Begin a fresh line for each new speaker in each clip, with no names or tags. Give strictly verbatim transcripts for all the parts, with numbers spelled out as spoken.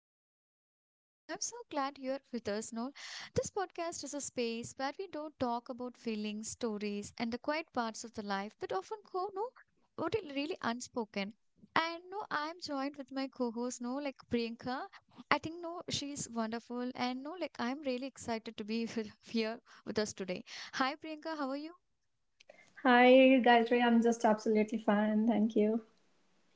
Dano, your host, and I'm so glad you're with us, Noel. This podcast is a space where we don't talk about feelings, stories, and the quiet parts of the life that often go no what is really unspoken. And no, I'm joined with my co-host, no, like Priyanka. I think no, she's wonderful, and no, like I'm really excited to be with, here with us today. Hi Priyanka, how are you?
Hi, Gayatri. I'm just absolutely fine. Thank you.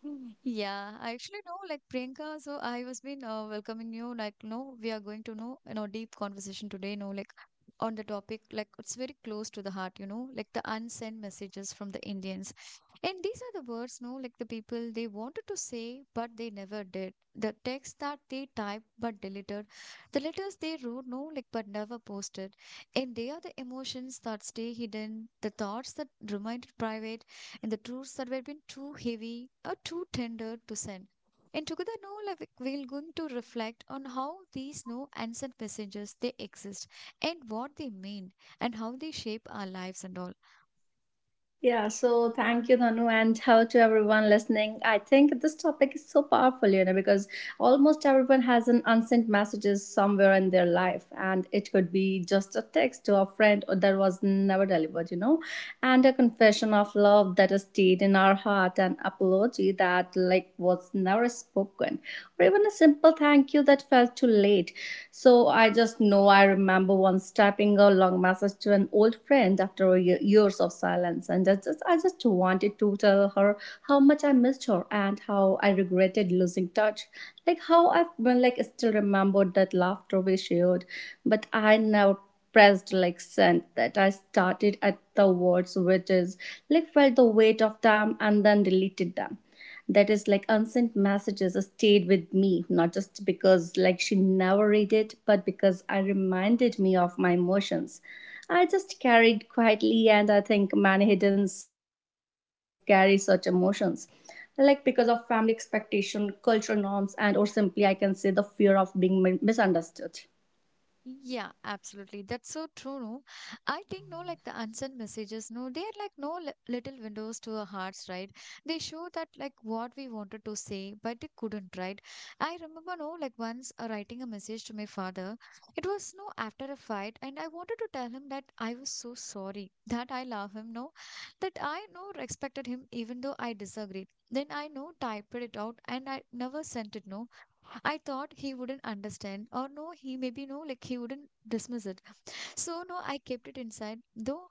Mm. Yeah, I actually know like Priyanka, so I was been uh, welcoming you like no, we are going to know you know deep conversation today, no, like on the topic like it's very close to the heart, you know, like the unsent messages from the Indians. And these are the words, no, like the people they wanted to say but they never did. The text that they typed but deleted, the letters they wrote, no, like but never posted. And they are the emotions that stay hidden, the thoughts that remained private and the truths that were been too heavy or too tender to send. And together now like, we're going to reflect on how these no answered messages they exist and what they mean and how they shape our lives and all.
Yeah, so thank you, Nanu, and hello to everyone listening. I think this topic is so powerful, you know, because almost everyone has an unsent messages somewhere in their life, and it could be just a text to a friend or that was never delivered, you know, and a confession of love that has stayed in our heart, and apology that like was never spoken, or even a simple thank you that felt too late. So I just know I remember once typing a long message to an old friend after ye- years of silence, and I just, I just wanted to tell her how much I missed her and how I regretted losing touch. Like how I have like still remembered that laughter we shared, but I never pressed like sent that I started at the words which is like felt the weight of them and then deleted them. That is like unsent messages stayed with me, not just because like she never read it, but because I reminded me of my emotions. I just carried quietly, and I think many hidden like carry such emotions like because of family expectation cultural norms and or simply I can say the fear of being mi- misunderstood.
Yeah, absolutely. That's so true, no? I think, no, like the unsent messages, no, they are like no li- little windows to our hearts, right? They show that like what we wanted to say, but they couldn't, right? I remember, no, like once uh, writing a message to my father. It was, no, after a fight, and I wanted to tell him that I was so sorry, that I love him, no, that I, no, respected him even though I disagreed. Then I, no, typed it out and I never sent it, no. I thought he wouldn't understand, or no, he maybe no, like he wouldn't dismiss it. So no, I kept it inside. Though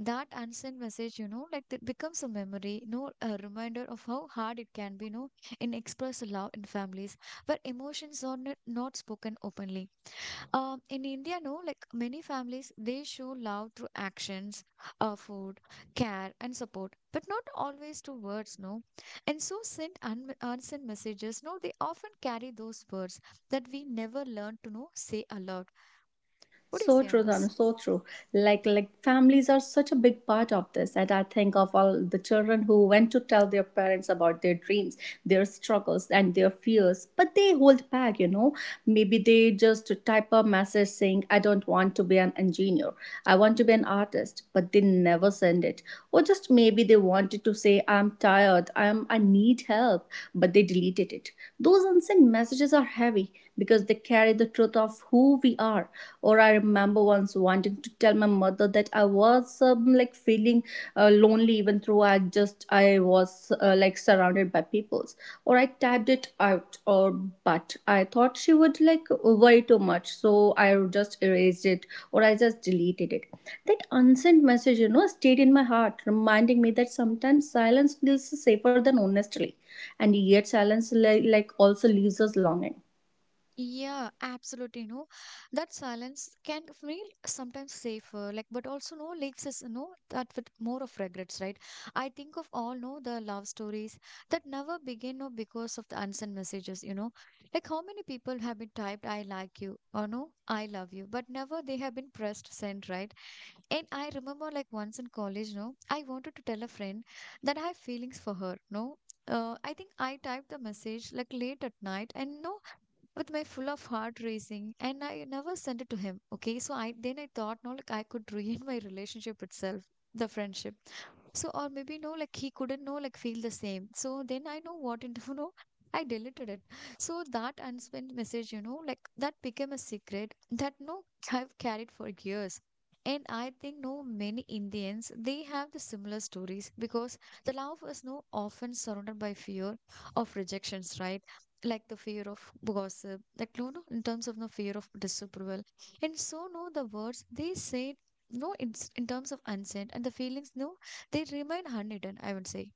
that unsent message, you know, like it becomes a memory, no, a reminder of how hard it can be, no, in express love in families where emotions are not, not spoken openly. Um, in India, no, like many families, they show love through actions, uh, food, care, and support, but not always through words, no. And so, sent un- unsent messages, no, they often carry those words that we never learn to know say aloud. What do you
So
say on
true, Tanu,
this?
so true. Like like families are such a big part of this, and I think of all the children who went to tell their parents about their dreams, their struggles, and their fears, but they hold back. You know, maybe they just type a message saying, "I don't want to be an engineer. I want to be an artist," but they never send it. Or just maybe they wanted to say, "I'm tired. I'm I need help," but they deleted it. Those unsent messages are heavy because they carry the truth of who we are. Or I remember once wanting to tell my mother that I was um, like feeling uh, lonely, even though I just I was uh, like surrounded by peoples. Or I typed it out, or but I thought she would like worry too much, so I just erased it or I just deleted it. That unsent message, you know, stayed in my heart, reminding me that sometimes silence feels safer than honesty, and yet silence like, like also leaves us longing.
Yeah, absolutely. You know, that silence can feel sometimes safer, like, but also no leaks us, no, that with more of regrets, right? I think of all, no, the love stories that never begin, no, because of the unsent messages, you know, like how many people have been typed, I like you, or no, I love you, but never they have been pressed send, right? And I remember, like, once in college, no, I wanted to tell a friend that I have feelings for her, no. Uh, I think I typed the message like late at night and no with my full of heart racing and I never sent it to him. Okay. So I then I thought no like I could ruin my relationship itself, the friendship. So, or maybe no, like he couldn't know, like feel the same. So then I know what to you know, I deleted it. So that unspent message, you know, like that became a secret that no, I've carried for years. And I think no, many Indians they have the similar stories because the love is no often surrounded by fear of rejections, right? Like the fear of gossip, like no, no, in terms of no fear of disapproval, and so no, the words they say no, it's in terms of unsent and the feelings no they remain unhidden, I would say.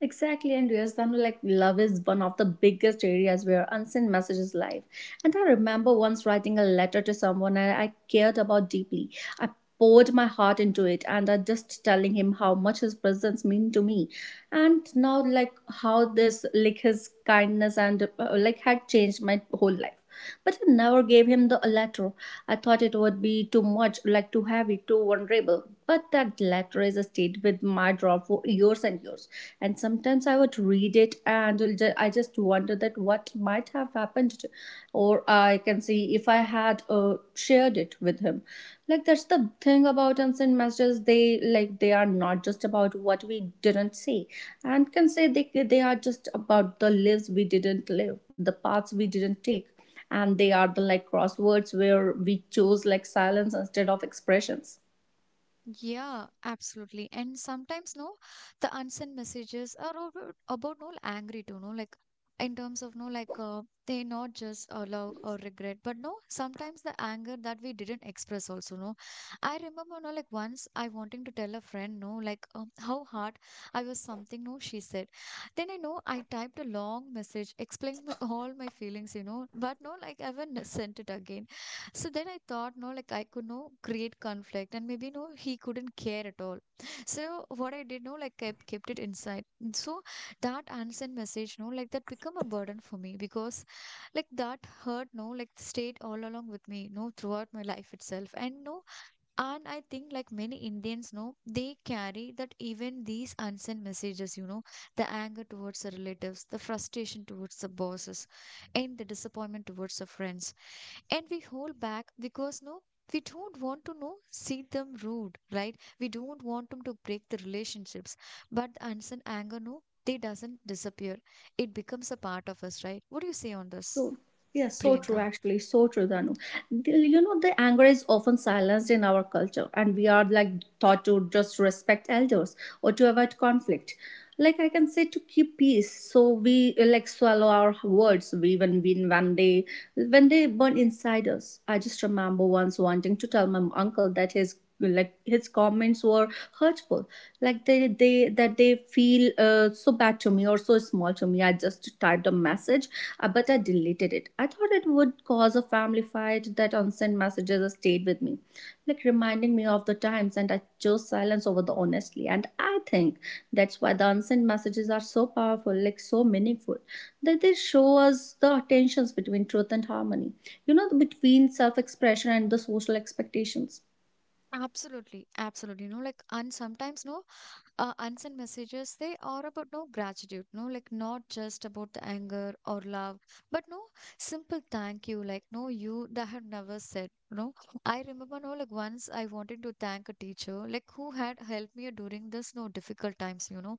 Exactly, and yes, then like love is one of the biggest areas where unsent messages live. And I remember once writing a letter to someone I, I cared about deeply. I poured my heart into it, and I just telling him how much his presence mean to me, and now like how this like his kindness and uh, like had changed my whole life. But I never gave him the letter. I thought it would be too much, like too heavy, too vulnerable. But that letter is stayed with my drawer for years and years. And sometimes I would read it and I just wonder that what might have happened to- or I can see if I had uh, shared it with him. Like that's the thing about unsent messages. They like they are not just about what we didn't say and can say they, they are just about the lives we didn't live, the paths we didn't take, and they are the like crosswords where we chose like silence instead of expressions.
Yeah, absolutely. And sometimes, no, the unsent messages are about, about no angry too, no, like in terms of no, like uh, they not just uh, love or regret, but no, sometimes the anger that we didn't express also, no. I remember, no, like once I wanting to tell a friend, no, like um, how hard I was something, no, she said. Then I know I typed a long message explaining my, all my feelings, you know, but no, like I haven't sent it again. So then I thought, no, like I could no create conflict and maybe no, he couldn't care at all. So what I did, no, like I kept it inside. And so that unsent message, no, like that become a burden for me because like that hurt, no, like stayed all along with me, no, throughout my life itself. And no, and I think like many Indians, no, they carry that even these unsent messages, you know, the anger towards the relatives, the frustration towards the bosses, and the disappointment towards the friends and we hold back because no we don't want to know see them rude, right? We don't want them to break the relationships, but the unseen anger no they doesn't disappear, it becomes a part of us, right? What do you say on this,
So, yeah, so true,
Priyanka?
actually. So true, Danu. The- You know, the anger is often silenced in our culture, and we are like taught to just respect elders or to avoid conflict. Like I can say to keep peace, so we uh, like swallow our words. We even when when they when they burn inside us. I just remember once wanting to tell my uncle that his like his comments were hurtful, like they they that they feel uh, so bad to me or so small to me. I just typed a message, uh, but I deleted it. I thought it would cause a family fight that unsent messages stayed with me, like reminding me of the times, and I chose silence over the honestly. And I think that's why the unsent messages are so powerful, like so meaningful, that they show us the tensions between truth and harmony, you know, between self expression and the social expectations.
Absolutely, absolutely. You know, like and sometimes no uh, unsent messages they are about no gratitude no like not just about the anger or love but no simple thank you like no you that have never said no. I remember no like once I wanted to thank a teacher like who had helped me during this no difficult times, you know,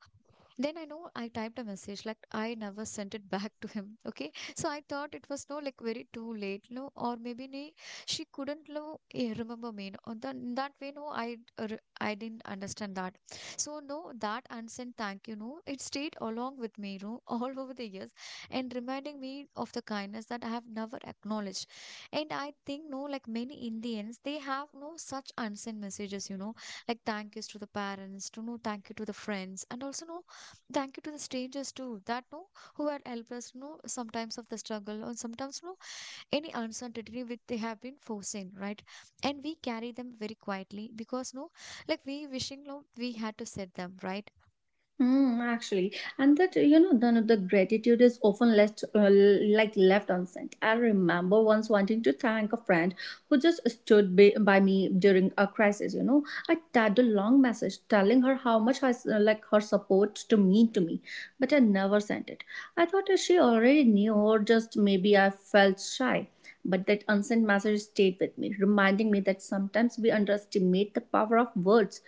then I know I typed a message, like I never sent it back to him. Okay. So I thought it was no like very too late, no, or maybe nee, she couldn't no, eh, remember me. No, or that, that way, no, I uh, re- I didn't understand that. So no, that unsent thank you, no, it stayed along with me, no, all over the years, and reminding me of the kindness that I have never acknowledged. And I think no, like many Indians, they have no such unsent messages, you know, like thank yous to the parents, to no thank you to the friends, and also no thank you to the strangers too that no who had helped us know sometimes of the struggle or sometimes no any uncertainty which they have been forced in, right? And we carry them very quietly because no like we wishing no we had to set them right.
Mm, actually, and that you know, the, the gratitude is often left uh, l- like left unsent. I remember once wanting to thank a friend who just stood by, by me during a crisis. You know, I typed a long message telling her how much I s- uh, like her support to mean to me, but I never sent it. I thought that she already knew, or just maybe I felt shy. But that unsent message stayed with me, reminding me that sometimes we underestimate the power of words.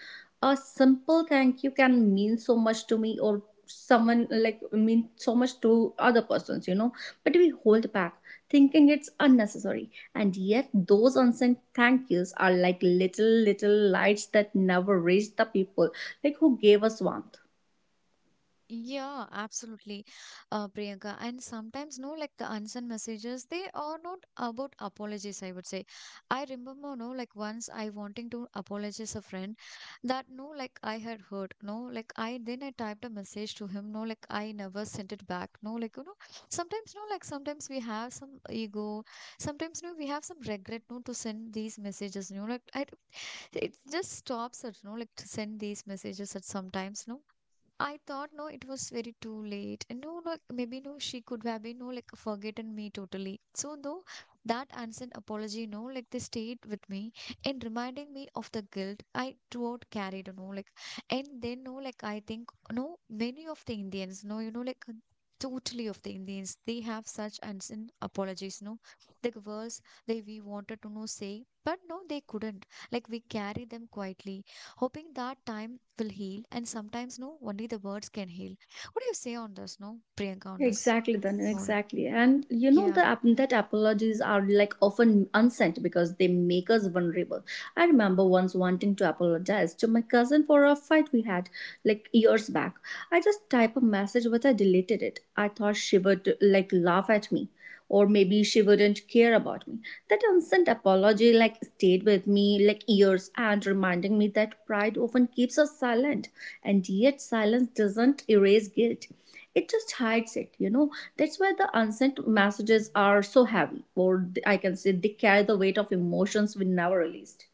A simple thank you can mean so much to me or someone like mean so much to other persons, you know, but we hold back thinking it's unnecessary, and yet those unsent thank yous are like little little lights that never reach the people like who gave us warmth.
Yeah, absolutely, uh, Priyanka. And sometimes, no, like the unsent messages, they are not about apologies, I would say. I remember, no, like once I wanting to apologize a friend that, no, like I had hurt, no, like I then I typed a message to him, no, like I never sent it back, no, like, you know, sometimes, no, like sometimes we have some ego, sometimes, no, we have some regret, no, to send these messages, you know, like I, it just stops us, no, like to send these messages at sometimes, no. I thought no, it was very too late. And no, no, maybe no, she could have been no, like forgotten me totally. So though that unsent apology, no, like they stayed with me and reminding me of the guilt I throughout carried, no, like, and then no, like I think no, many of the Indians, no, you know, like totally of the Indians, they have such unsent apologies, no, the words they we wanted to no say, but no, they couldn't. Like we carry them quietly hoping that time will heal, and sometimes no, only the words can heal. What do you say on this, no, Priyanka, on this
Exactly, then
more?
exactly, and you know
Yeah.
the ap- that apologies are like often unsent because they make us vulnerable. I remember once wanting to apologize to my cousin for a fight we had like years back. I just typed a message, but I deleted it. I thought she would like laugh at me, or maybe she wouldn't care about me. That unsent apology like stayed with me like years and reminding me that pride often keeps us silent, and yet silence doesn't erase guilt, it just hides it. You know, that's why the unsent messages are so heavy, or th- I can say they carry the weight of emotions we never released.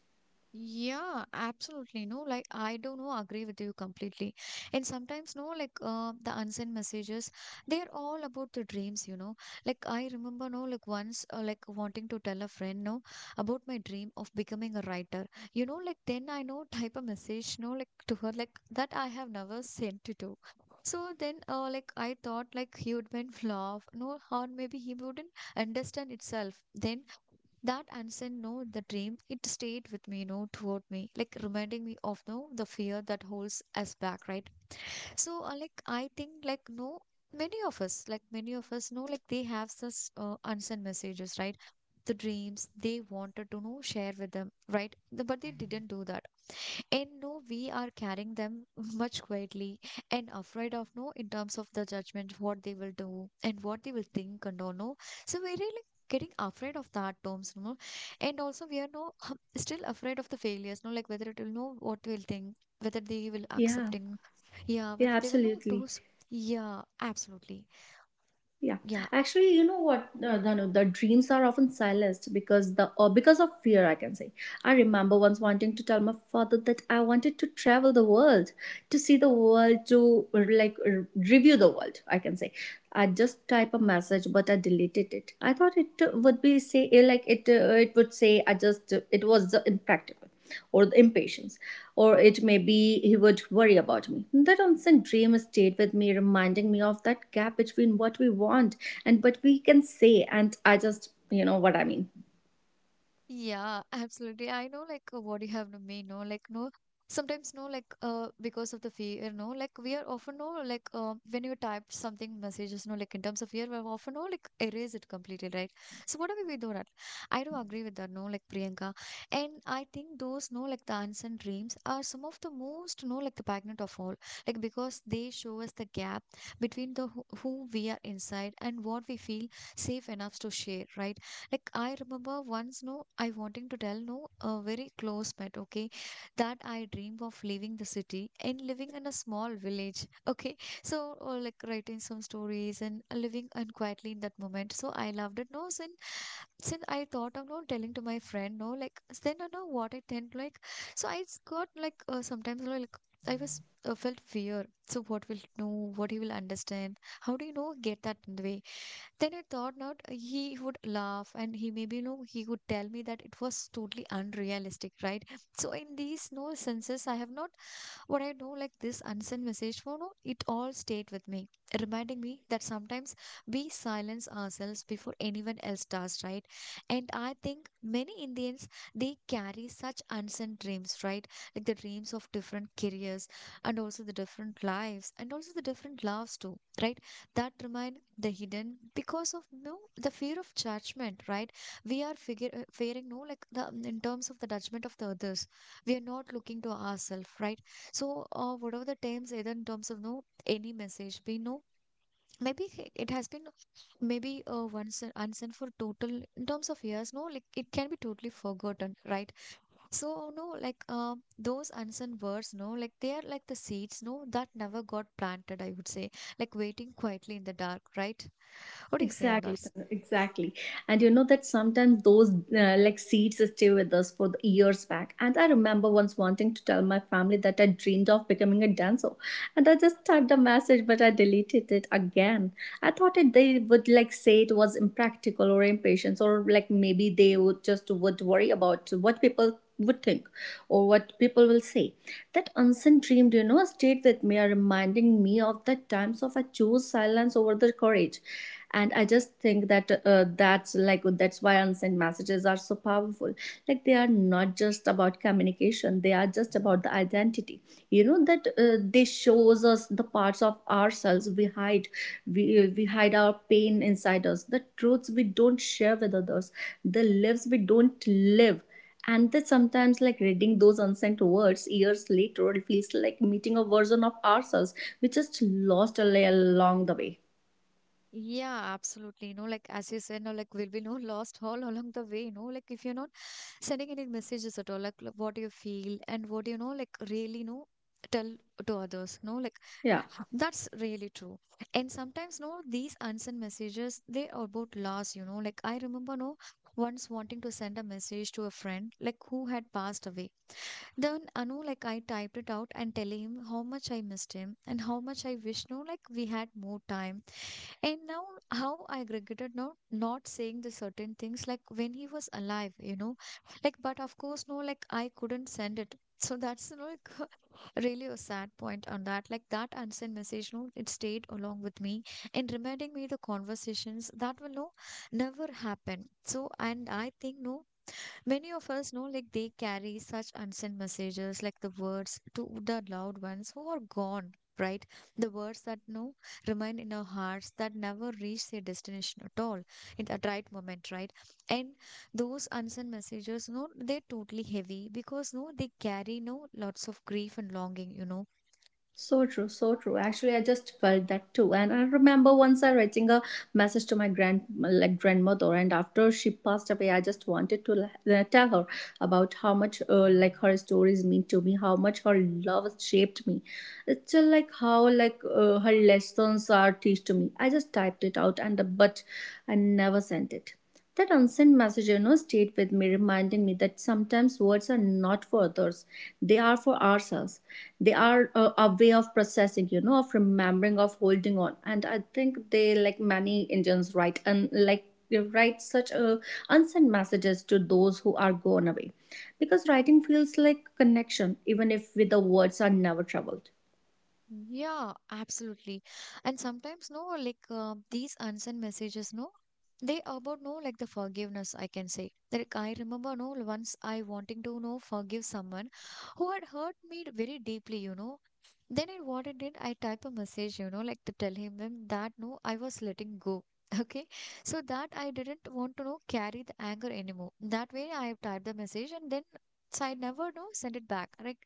Yeah, absolutely. No, like I do not agree with you completely. And sometimes, no, like uh, the unsent messages, they are all about the dreams, you know. Like I remember, no, like once, uh, like wanting to tell a friend, no, about my dream of becoming a writer. You know, like then I know type a message, no, like to her, like that I have never sent it to. So then, uh, like I thought, like he would been laugh, no, or maybe he wouldn't understand itself. Then that unseen no, the dream, it stayed with me, you know, toward me, like reminding me of no the fear that holds us back, right? So, uh, like I think, like no, many of us, like many of us know, like they have such uh, unsent messages, right? The dreams they wanted to know share with them, right? The- but they didn't do that, and no, we are carrying them much quietly, and afraid of, no, in terms of the judgment what they will do and what they will think and all no. So we're really getting afraid of that terms, no. And also we are no still afraid of the failures, no, like whether it will know what will think, whether they will
Yeah,
accepting. Yeah,
yeah,
whether they will know
absolutely.
those. Yeah, absolutely.
Yeah,
Yeah.
actually, you know what, uh, Dhanu, the dreams are often silenced because the or because of fear. I can say. I remember once wanting to tell my father that I wanted to travel the world, to see the world, to uh, like r- review the world. I can say. I just type a message, but I deleted it. I thought it uh, would be say uh, like it uh, it would say I just uh, it was uh, impractical or the impatience, or it may be he would worry about me. That constant dream stayed with me, reminding me of that gap between what we want and what we can say, and I just, you know what I mean.
Yeah, Absolutely. I know like uh, what you have to me, no, like no, sometimes, no, like uh because of the fear, no, like we are often no like um when you type something messages, no, like in terms of fear, we're often no like erase it completely, right? So what do we do that? I do agree with that, no, like Priyanka. And I think those no like the unseen dreams are some of the most no like the pregnant of all. Like because they show us the gap between the who, who we are inside and what we feel safe enough to share, right? Like I remember once, no, I wanting to tell no a very close pet, okay, that I dream of leaving the city and living in a small village, okay. So or like writing some stories and living and quietly in that moment. So I loved it, no. Since since I thought of no telling to my friend, no, like then I know what I tend like. So I s- got like uh, sometimes you know, like I was uh, felt fear. So what will know? What he will understand? How do you know get that in the way? Then I thought not, uh, he would laugh and he maybe, you know, he would tell me that it was totally unrealistic, right? So in these no senses, I have not what I know, like this unsent message phone, oh, it all stayed with me, reminding me that sometimes we silence ourselves before anyone else does, right? And I think many Indians they carry such unsent dreams, right? Like the dreams of different careers and also the different lives and also the different loves too, right? That remain the hidden because of no the fear of judgment, right? We are figure uh, fearing no like the in terms of the judgment of the others, we are not looking to ourselves, right? So, uh, whatever the terms either in terms of no any message we know, maybe h- it has been maybe uh, once and unsent for total in terms of years, no, like it can be totally forgotten, right? So no like uh, those unsent words no like they are like the seeds no that never got planted, I would say, like waiting quietly in the dark, right? What do you say on
Exactly,
that?
Tanu, exactly. And you know that sometimes those uh, like seeds stay with us for the years back. And I remember once wanting to tell my family that I dreamed of becoming a dancer. And I just typed a message, but I deleted it again. I thought it they would like say it was impractical or impatience, or like maybe they would just would worry about what people would think or what people will say. That unseen dream, do you know, stayed with me, reminding me of the times of I chose silence over the courage. And I just think that uh, that's like that's why unsent messages are so powerful. Like they are not just about communication; they are just about the identity. You know that uh, they shows us the parts of ourselves we hide. We we hide our pain inside us, the truths we don't share with others, the lives we don't live, and that sometimes, like reading those unsent words years later, it feels like meeting a version of ourselves we just lost al- along the way.
Yeah, absolutely. You know, like as you said, no, like will be no lost all along the way, you know, like if you're not sending any messages at all, like l- what you feel and what you know, like really know, tell to others, no, like
Yeah.
that's really true. And sometimes, no, these unsent messages, they are about loss, you know, like I remember, no, once wanting to send a message to a friend, like who had passed away. Then, I know, like I typed it out and telling him how much I missed him and how much I wish, no, like we had more time and now, how I regretted not not saying the certain things like when he was alive, you know, like but of course, no, like I couldn't send it. So that's you know, like really a sad point on that. Like that unsent message, no, it stayed along with me and reminding me the conversations that will no never happen. So and I think no, many of us know, like, they carry such unsent messages, like the words to the loved ones who are gone, right? The words that no remain in our hearts that never reach their destination at all in that right moment, right? And those unsent messages, no, they're totally heavy because no, they carry no lots of grief and longing, you know.
So true, so true. Actually, I just felt that too. And I remember once I writing a message to my grand like grandmother, and after she passed away, I just wanted to l- uh, tell her about how much uh, like her stories mean to me, how much her love shaped me. It's just like how like uh, her lessons are teach to me. I just typed it out and but I never sent it. That unsent message, you know, stayed with me, reminding me that sometimes words are not for others. They are for ourselves. They are a, a way of processing, you know, of remembering, of holding on. And I think they, like many Indians, write and like they write such uh, unsent messages to those who are gone away, because writing feels like connection even if with the words are never traveled.
Yeah, absolutely. And sometimes, no, like uh, these unsent messages, no, they about no, like the forgiveness, I can say. Like I remember, no, once I wanting to know forgive someone who had hurt me very deeply, you know. Then I what I did, I type a message, you know, like to tell him him that no, I was letting go. Okay, so that I didn't want to know carry the anger anymore. That way, I typed the message and then. So I never know send it back, right?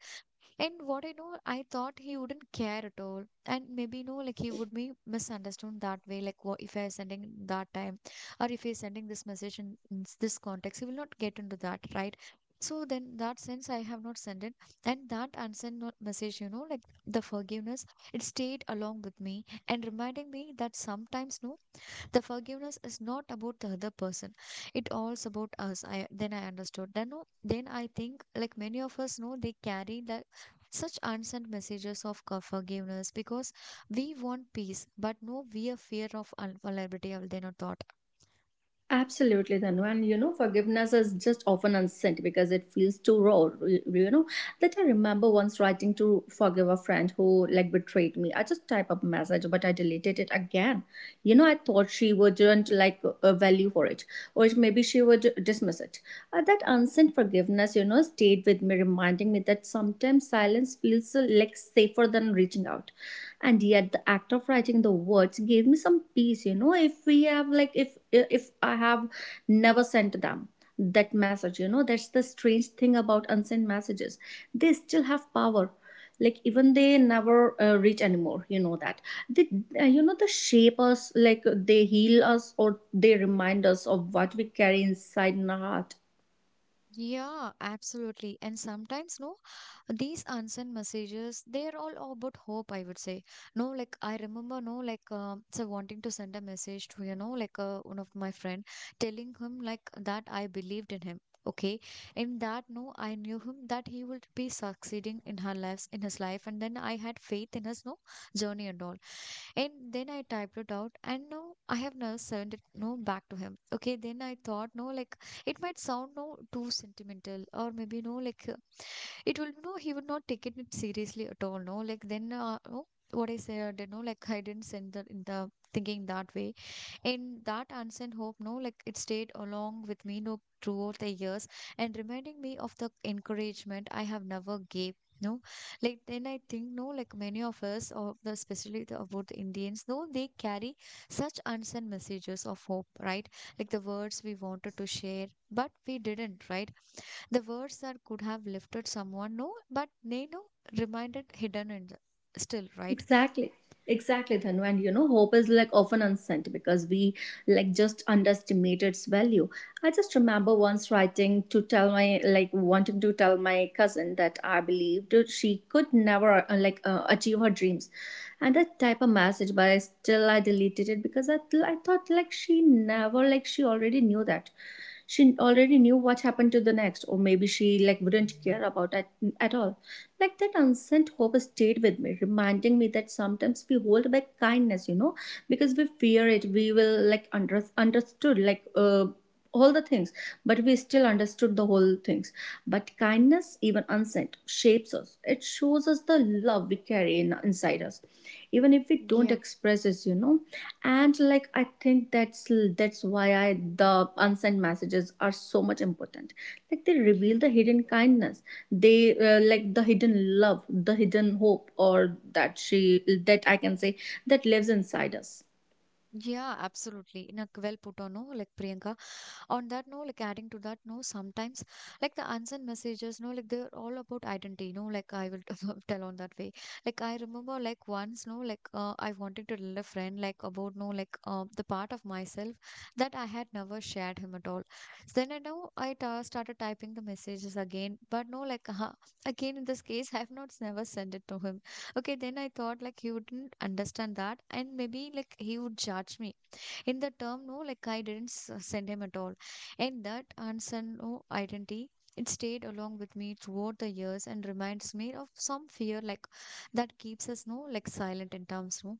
And what I know, I thought he wouldn't care at all. And maybe, you know, like he would be misunderstood that way. Like, what if I sending that time or if he's sending this message in, in s- this context, he will not get into that, right? So then that sense I have not sent it. And that unsent no- message, you know, like the forgiveness, it stayed along with me and reminding me that sometimes, no, the forgiveness is not about the other person. It all's about us. I then I understood. Then no, then I think like many of us know they carry the such unsent messages of co- forgiveness because we want peace, but no, we are fear of unavailability of then a thought.
Absolutely, Then, and you know, forgiveness is just often unsent because it feels too raw. You you know, that I remember once writing to forgive a friend who like betrayed me. I just type up message, but I deleted it again. You know, I thought she wouldn't like uh, value for it, or maybe she would dismiss it. Uh, that unsent forgiveness, you know, stayed with me, reminding me that sometimes silence feels uh, like safer than reaching out, and yet the act of writing the words gave me some peace. You know, if we have like if if i have never sent them that message, you know, that's the strange thing about unsent messages. They still have power, like even they never uh, reach anymore, you know that. They uh, you know, they shape us, like they heal us, or they remind us of what we carry inside in our heart.
Yeah, absolutely. And sometimes, no, these unsent messages, they're all about hope, I would say. No, like I remember, no, like um, so wanting to send a message to, you know, like uh, one of my friend, telling him like that I believed in him. Okay, in that, no, I knew him that he would be succeeding in her lives, in his life, and then I had faith in his no journey and all. And then I typed it out, and no, I have never sent it no back to him. Okay, then I thought no, like it might sound no too sentimental, or maybe no, like uh, it will no, he would not take it seriously at all. No, like then uh, no, what I said, you know, like I didn't send the in the thinking that way in that unsent hope, no, like it stayed along with me no throughout the years and reminding me of the encouragement I have never gave, no, like then I think no like many of us or the especially the, about the Indians no they carry such unsent messages of hope, right? Like the words we wanted to share but we didn't, right? The words that could have lifted someone, no, but they no reminded hidden and still, right?
Exactly. Exactly, Thanu. And you know, hope is like often unsent because we like just underestimate its value. I just remember once writing to tell my, like wanting to tell my cousin that I believed she could never uh, like uh, achieve her dreams, and that type of message. But I still I deleted it because I I thought like she never, like she already knew that, she already knew what happened to the next, or maybe she like wouldn't care about it at all. Like that unsent hope stayed with me, reminding me that sometimes we hold back kindness, you know, because we fear it. We will like under, understood, like uh, all the things, but we still understood the whole things. But kindness, even unsent, shapes us. It shows us the love we carry in, inside us, even if we don't
Yeah.
express it, you know. And like I think that's that's why I, the unsent messages are so much important. Like they reveal the hidden kindness, they uh, like the hidden love, the hidden hope, or that she, that I can say, that lives inside us.
Yeah, absolutely. Nak well put on, no? Like Priyanka. On that no like adding to that no sometimes like the unsent messages no like they're all about identity no like I will tell on that way. Like I remember like once no like uh, I wanted to tell a friend like about no like uh, the part of myself that I had never shared him at all. Then I know i ta- started typing the messages again but no like uh, again in this case I have not s- never sent it to him. Okay, then I thought like he wouldn't understand that and maybe like he would judge me in the term no like I didn't s- uh, send him at all. And that answer no identity, it stayed along with me throughout the years and reminds me of some fear like that keeps us no like silent in terms, no.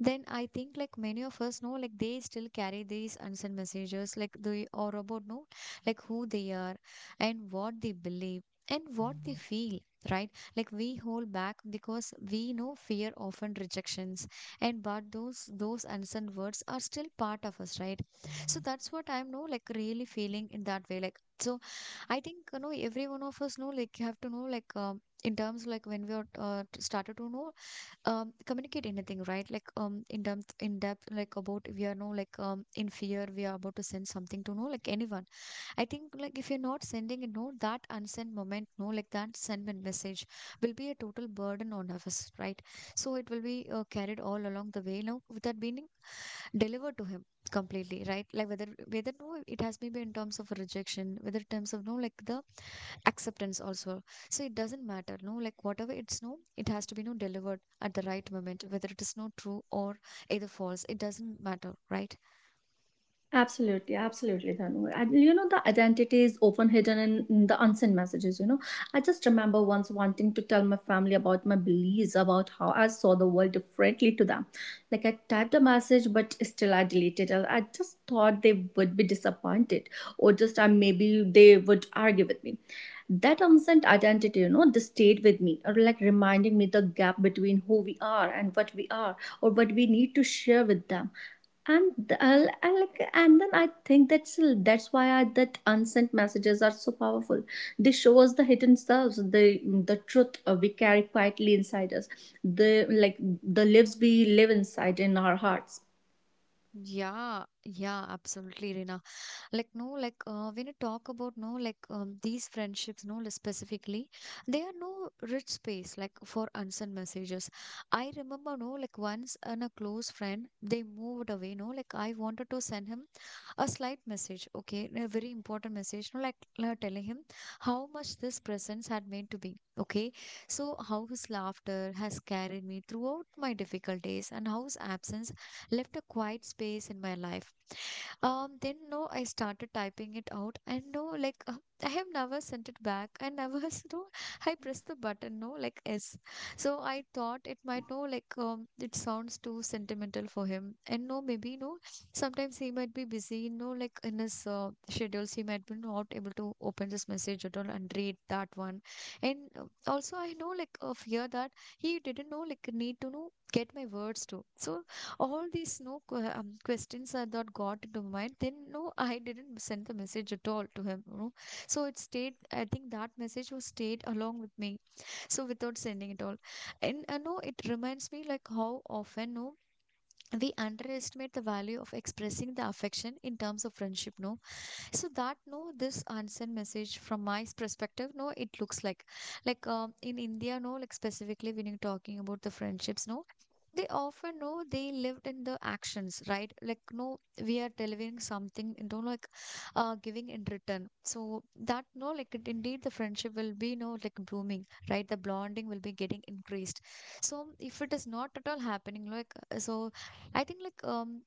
Then I think like many of us know like they still carry these unsent messages like they are about no like who they are and what they believe and what they feel, right? Like we hold back because we know fear often rejections. And but those those unsent words are still part of us, right? So that's what I'm no like really feeling in that way like so. I think you know every one of us know like have to know like um, in terms like when we are uh, t- started to know um communicate anything, right? Like um in depth in depth like about we are no like um in fear we are about to send something to know like anyone. I think like if you're not sending you know that unsent moment no like that send men- message will be a total burden on us, right? So it will be uh, carried all along the way now with that being delivered to him completely, right? Like whether whether no it has maybe in terms of a rejection whether in terms of no like the acceptance also. So it doesn't matter no like whatever it's no it has to be no delivered at the right moment whether it is no true or either false, it doesn't matter, right?
Absolutely, absolutely, Dhanu. And you know, the identity is often hidden in, in the unsent messages. You know, I just remember once wanting to tell my family about my beliefs, about how I saw the world differently to them. Like, I typed a message, but still I deleted it. I just thought they would be disappointed, or just uh, maybe they would argue with me. That unsent identity, you know, this stayed with me, or like reminding me the gap between who we are and what we are, or what we need to share with them. And th- I'll, I like, and then I think that's that's why I, that unsent messages are so powerful. They show us the hidden selves, the the truth uh, we carry quietly inside us, the like the lives we live inside in our hearts.
Yeah. Yeah, absolutely, Rina. Like no like uh, when you talk about no like um, these friendships no like, specifically they are no rich space like for unsent messages. I remember no like once and a close friend they moved away no like I wanted to send him a slight message, okay, a very important message, you know, like uh, telling him how much this presence had meant to be, okay. So how his laughter has carried me throughout my difficult days and how his absence left a quiet space in my life. Um, then no, I started typing it out, and no, like uh, I have never sent it back. I never, you know, I pressed the button, no, like S. So I thought it might, no, like um, it sounds too sentimental for him, and no, maybe no. Sometimes he might be busy, no, like in his uh, schedules, he might be not able to open this message at all and read that one. And uh, also, I know like a fear that he didn't know like need to know get my words too. So all these no que- um, questions I thought got into my mind. Then no, I didn't send the message at all to him. You know? So it stayed. I think that message was stayed along with me. So without sending it all, and uh, no, it reminds me like how often no we underestimate the value of expressing the affection in terms of friendship. No, so that no this unsent message from my s- perspective no it looks like like um, in India no like specifically when you're talking about the friendships no they often know they lived in the actions, right? Like no we are delivering something and don't like uh giving in return, so that no like it, indeed the friendship will be no like blooming, right? The bonding will be getting increased. So if it is not at all happening like uh, so I think like um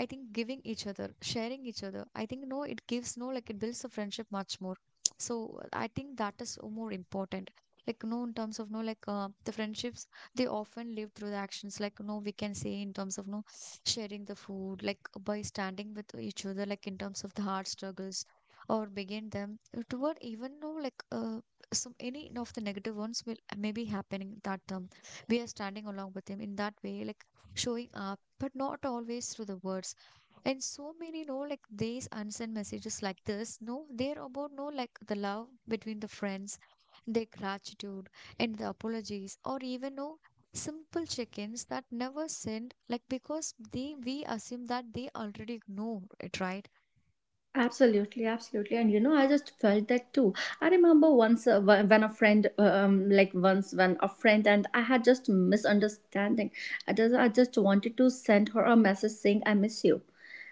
I think giving each other, sharing each other, I think no, it gives no, like it builds the friendship much more. So I think that is so more important. Like no, in terms of no, like uh, the friendships, they often live through the actions. Like no, we can say in terms of no, sharing the food, like by standing with each other, like in terms of the hard struggles, or begin them toward even no, like uh, some any of the negative ones will may be happening that um, we are standing along with them in that way, like showing our, but not always through the words. And so many know like these unsent messages like this no they're about no like the love between the friends, their gratitude, and the apologies, or even no simple check-ins that never send like because they we assume that they already know it, right?
Absolutely, absolutely, and you know, I just felt that too. I remember once uh, wh- when a friend, um, like once when a friend and I had just misunderstanding. I just, I just wanted to send her a message saying I miss you,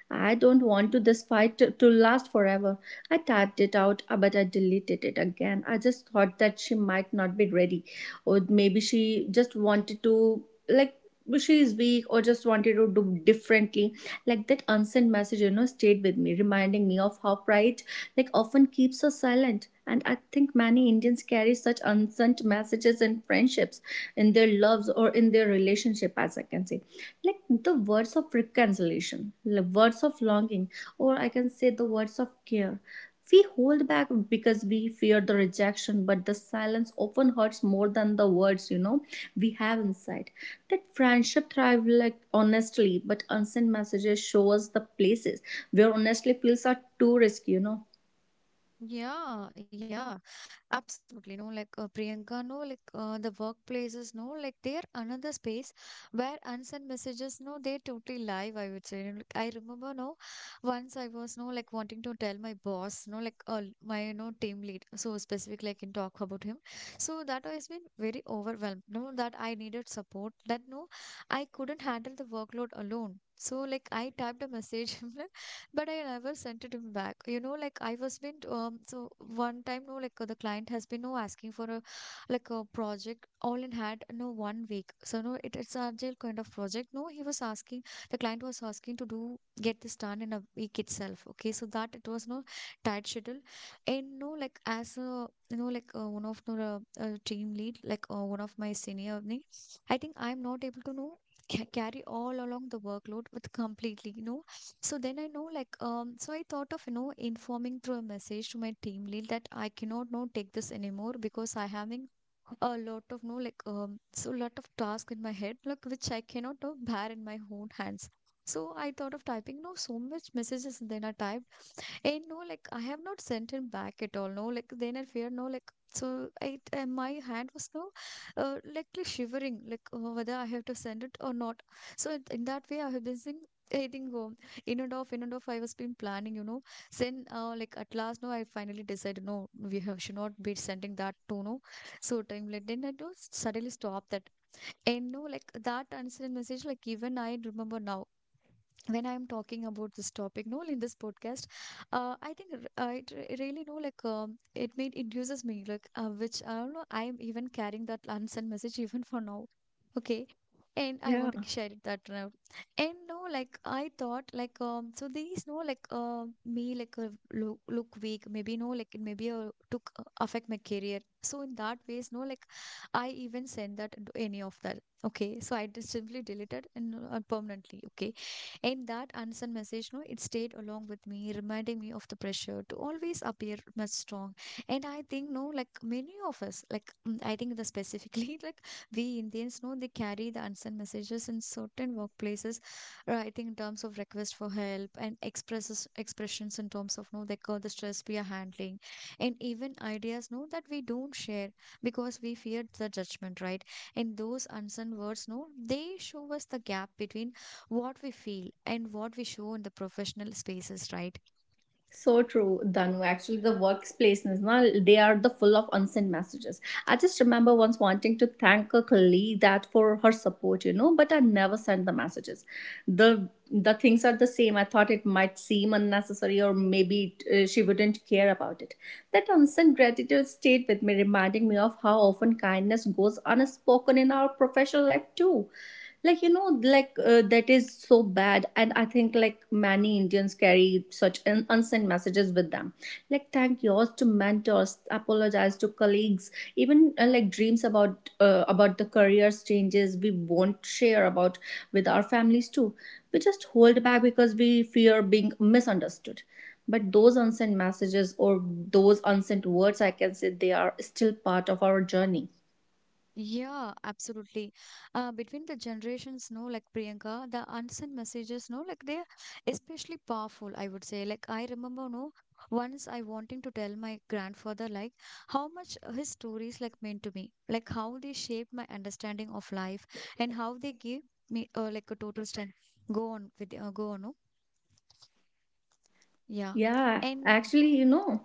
I don't want to this fight to, to last forever. I typed it out, uh, but I deleted it again. I just thought that she might not be ready, or maybe she just wanted to like, she is weak or just wanted to do differently. Like that unsent message, you know, stayed with me, reminding me of how pride like often keeps us silent. And I think many Indians carry such unsent messages in friendships, in their loves, or in their relationship, as I can say. Like the words of reconciliation, the words of longing, or I can say the words of care, we hold back because we fear the rejection. But the silence often hurts more than the words, you know, we have inside. That friendship thrive like honestly, but unsent messages show us the places where honestly feels are too risky, you know.
Yeah, yeah. Absolutely, no, like uh, Priyanka, no, like uh, the workplaces, no, like they're another space where unsent messages, no, they're totally live, I would say. And, like, I remember, no, once I was, no, like wanting to tell my boss, no, like uh, my, no, team lead, so specific, like in talk about him. So that has been very overwhelmed, no, that I needed support, that no, I couldn't handle the workload alone. So like I typed a message but I never sent it him back. You know, like I was been um so one time no like uh, the client has been no asking for a like a project all in had no one week. So no it, it's a agile kind of project. No, he was asking, the client was asking to do get this done in a week itself. Okay, so that it was no tight schedule, and no like as a you know like uh, one of no, the uh, team lead, like uh, one of my senior me, I think I'm not able to know ca- carry all along the workload with completely no. So then I know like um so I thought of you know informing through a message to my team lead that I cannot no take this anymore because I having a lot of no like um so lot of task in my head like which I cannot no, bear in my own hands. So I thought of typing no so much messages and then I typed, I no, like I have not sent him back at all. No, like then I fear no, like so. I uh, my hand was no, uh, like li- shivering, like uh, whether I have to send it or not. So it- in that way, I have been saying. I think um, in and off, in and off, I was been planning, you know. Then, uh, like at last, no, I finally decided, no, we have, should not be sending that to no. So time like then I do suddenly stop that, and no, like that unsent message. Like even I remember now, when I'm talking about this topic no in this podcast, uh, I think r- uh, it re- really know like um, it made induces me like uh, which I don't know I'm even carrying that unsent message even for now. Okay. And I
Yeah,
want to share it that now. And no like I thought like um so these no like uh, me like uh, look, look weak maybe no like it maybe uh, took uh, affect my career. So in that ways no like I even sent that into any of that. Okay, so I just simply deleted and uh, permanently, okay. And that unsent message, no, it stayed along with me, reminding me of the pressure to always appear much strong. And I think, no, like many of us, like mm, I think the specifically, like we Indians, no, they carry the unsent messages in certain workplaces. uh, I think in terms of request for help and expresses expressions in terms of no, they call the stress we are handling, and even ideas, no, that we don't share because we fear the judgment, right? And those unsent words, no, they show us the gap between what we feel and what we show in the professional spaces, right?
so true, Danu. Actually, the workplaces, na, they are the full of unsent messages. I just remember once wanting to thank a colleague that for her support, you know, but I never sent the messages. The the things are the same. I thought it might seem unnecessary, or maybe it, uh, she wouldn't care about it. That unsent gratitude stayed with me, reminding me of how often kindness goes unspoken in our professional life too. Like you know, like uh, that is so bad. And I think like many Indians carry such un- unsent messages with them, like thank yours to mentors, apologize to colleagues, even uh, like dreams about uh, about the careers changes we won't share about with our families too. We just hold back because we fear being misunderstood, but those unsent messages, or those unsent words I can say, they are still part of our journey.
Yeah, absolutely. Uh, between the generations, no, like Priyanka, the unsent messages, no, like they're especially powerful, I would say. Like I remember, no, once I wanting to tell my grandfather, like how much his stories like meant to me, like how they shaped my understanding of life, and how they give me uh, like a total strength. Go on with, uh, go on, no? Yeah.
Yeah,
And
actually you know.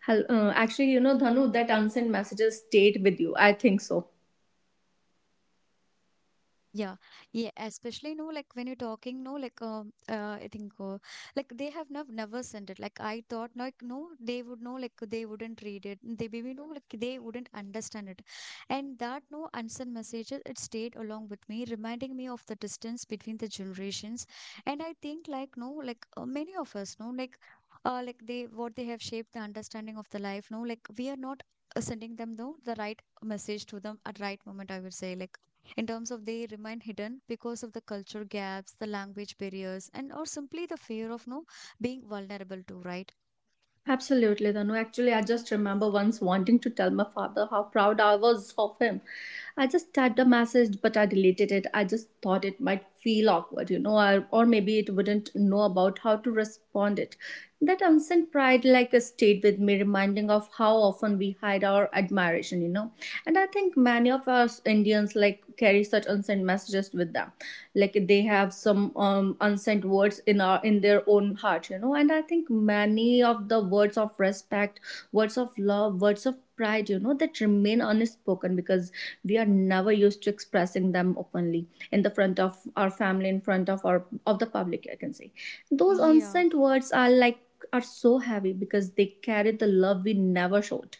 Hel- Uh, actually, you know, Dhanu, that unsent messages stayed with you. I think so.
yeah, yeah, especially no, like when you're talking, no, like um, uh, I think, uh, like they have nev never sent it. Like I thought, like no, they would know, like they wouldn't read it. They maybe know, like they wouldn't understand it. And that no unsent messages, it stayed along with me, reminding me of the distance between the generations. And I think, like no, like uh, many of us, no, like uh, like they what they have shaped the understanding of the life. No, like we are not uh, sending them no the right message to them at right moment. I would say, like in terms of they remain hidden because of the culture gaps, the language barriers, and or simply the fear of no being vulnerable to, right?
Absolutely, Dhanu. Actually, I just remember once wanting to tell my father how proud I was of him. I just typed a message, but I deleted it. I just thought it might feel awkward, you know, or, or maybe it wouldn't know about how to respond it. That unsent pride, like, uh, stayed with me, reminding of how often we hide our admiration, you know. And I think many of us Indians, like, carry such unsent messages with them. Like they have some um, unsent words in our, in their own heart, you know. And I think many of the words of respect, words of love, words of pride, you know, that remain unspoken because we are never used to expressing them openly in the front of our family, in front of our of the public I can say. Those
Yeah.
unsent words are like, are so heavy because they carry the love we never showed.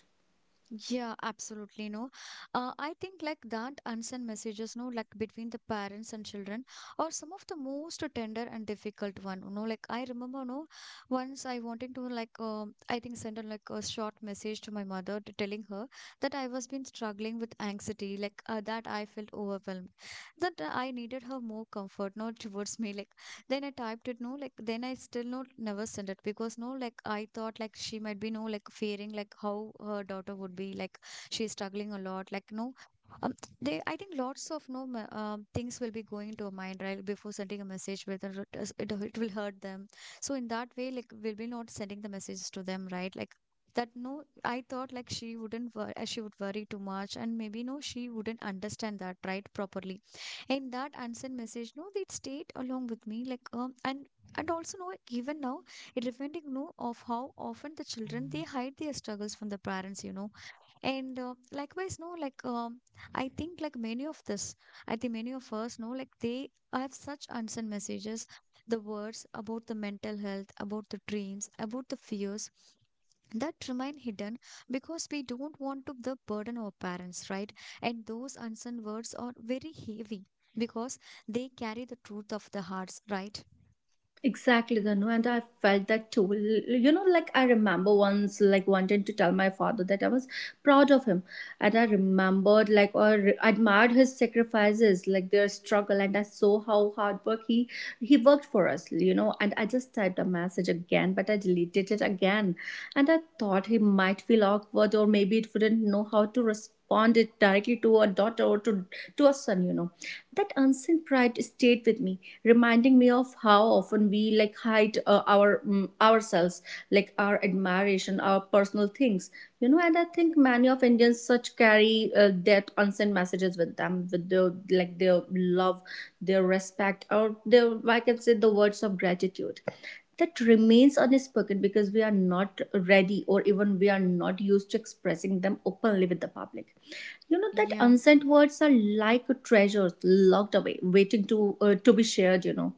Yeah, absolutely. No, uh, I think like that unsent messages, no, like between the parents and children are some of the most tender and difficult one. You know, like I remember, no, once I wanted to like, um, I think send a, like a short message to my mother t- telling her that I was been struggling with anxiety, like uh, that I felt overwhelmed, that uh, I needed her more comfort, no, towards me, like. Then I typed it, no, like, then I still no, never sent it because, no, like, I thought, like, she might be, no, like, fearing, like, how her daughter would be, like, she's struggling a lot, like, no. Um, they, I think lots of no ma- um, things will be going into her mind right before sending a message whether it, is- it, it will hurt them. So in that way, like we'll be not sending the messages to them, right? Like that no I thought like she wouldn't wor- uh, she would worry too much and maybe no she wouldn't understand that right properly. And that unsent message no it stayed along with me like um and and also no even now it reminding no of how often the children they hide their struggles from the parents, you know. And uh, likewise, no, like um, I think like many of this, I think many of us know, like they have such unsent messages, the words about the mental health, about the dreams, about the fears that remain hidden because we don't want to the burden our parents, right? And those unsent words are very heavy because they carry the truth of the hearts, right?
Exactly, Dhanu, and I felt that too. L- You know, like I remember once, like wanting to tell my father that I was proud of him, and I remembered, like, or re- admired his sacrifices, like their struggle, and I saw how hard work he he worked for us. You know, and I just typed a message again, but I deleted it again, and I thought he might feel awkward, or maybe it wouldn't know how to respond responded directly to a daughter or to, to a son, you know. That unseen pride stayed with me, reminding me of how often we like hide uh, our mm, ourselves, like our admiration, our personal things, you know. And I think many of Indians such carry uh, that unseen messages with them, with their like their love, their respect, or their I can say the words of gratitude that remains unspoken because we are not ready, or even we are not used to expressing them openly with the public, you know. That
Yeah.
unsent words are like treasures locked away waiting to uh, to be shared, you know.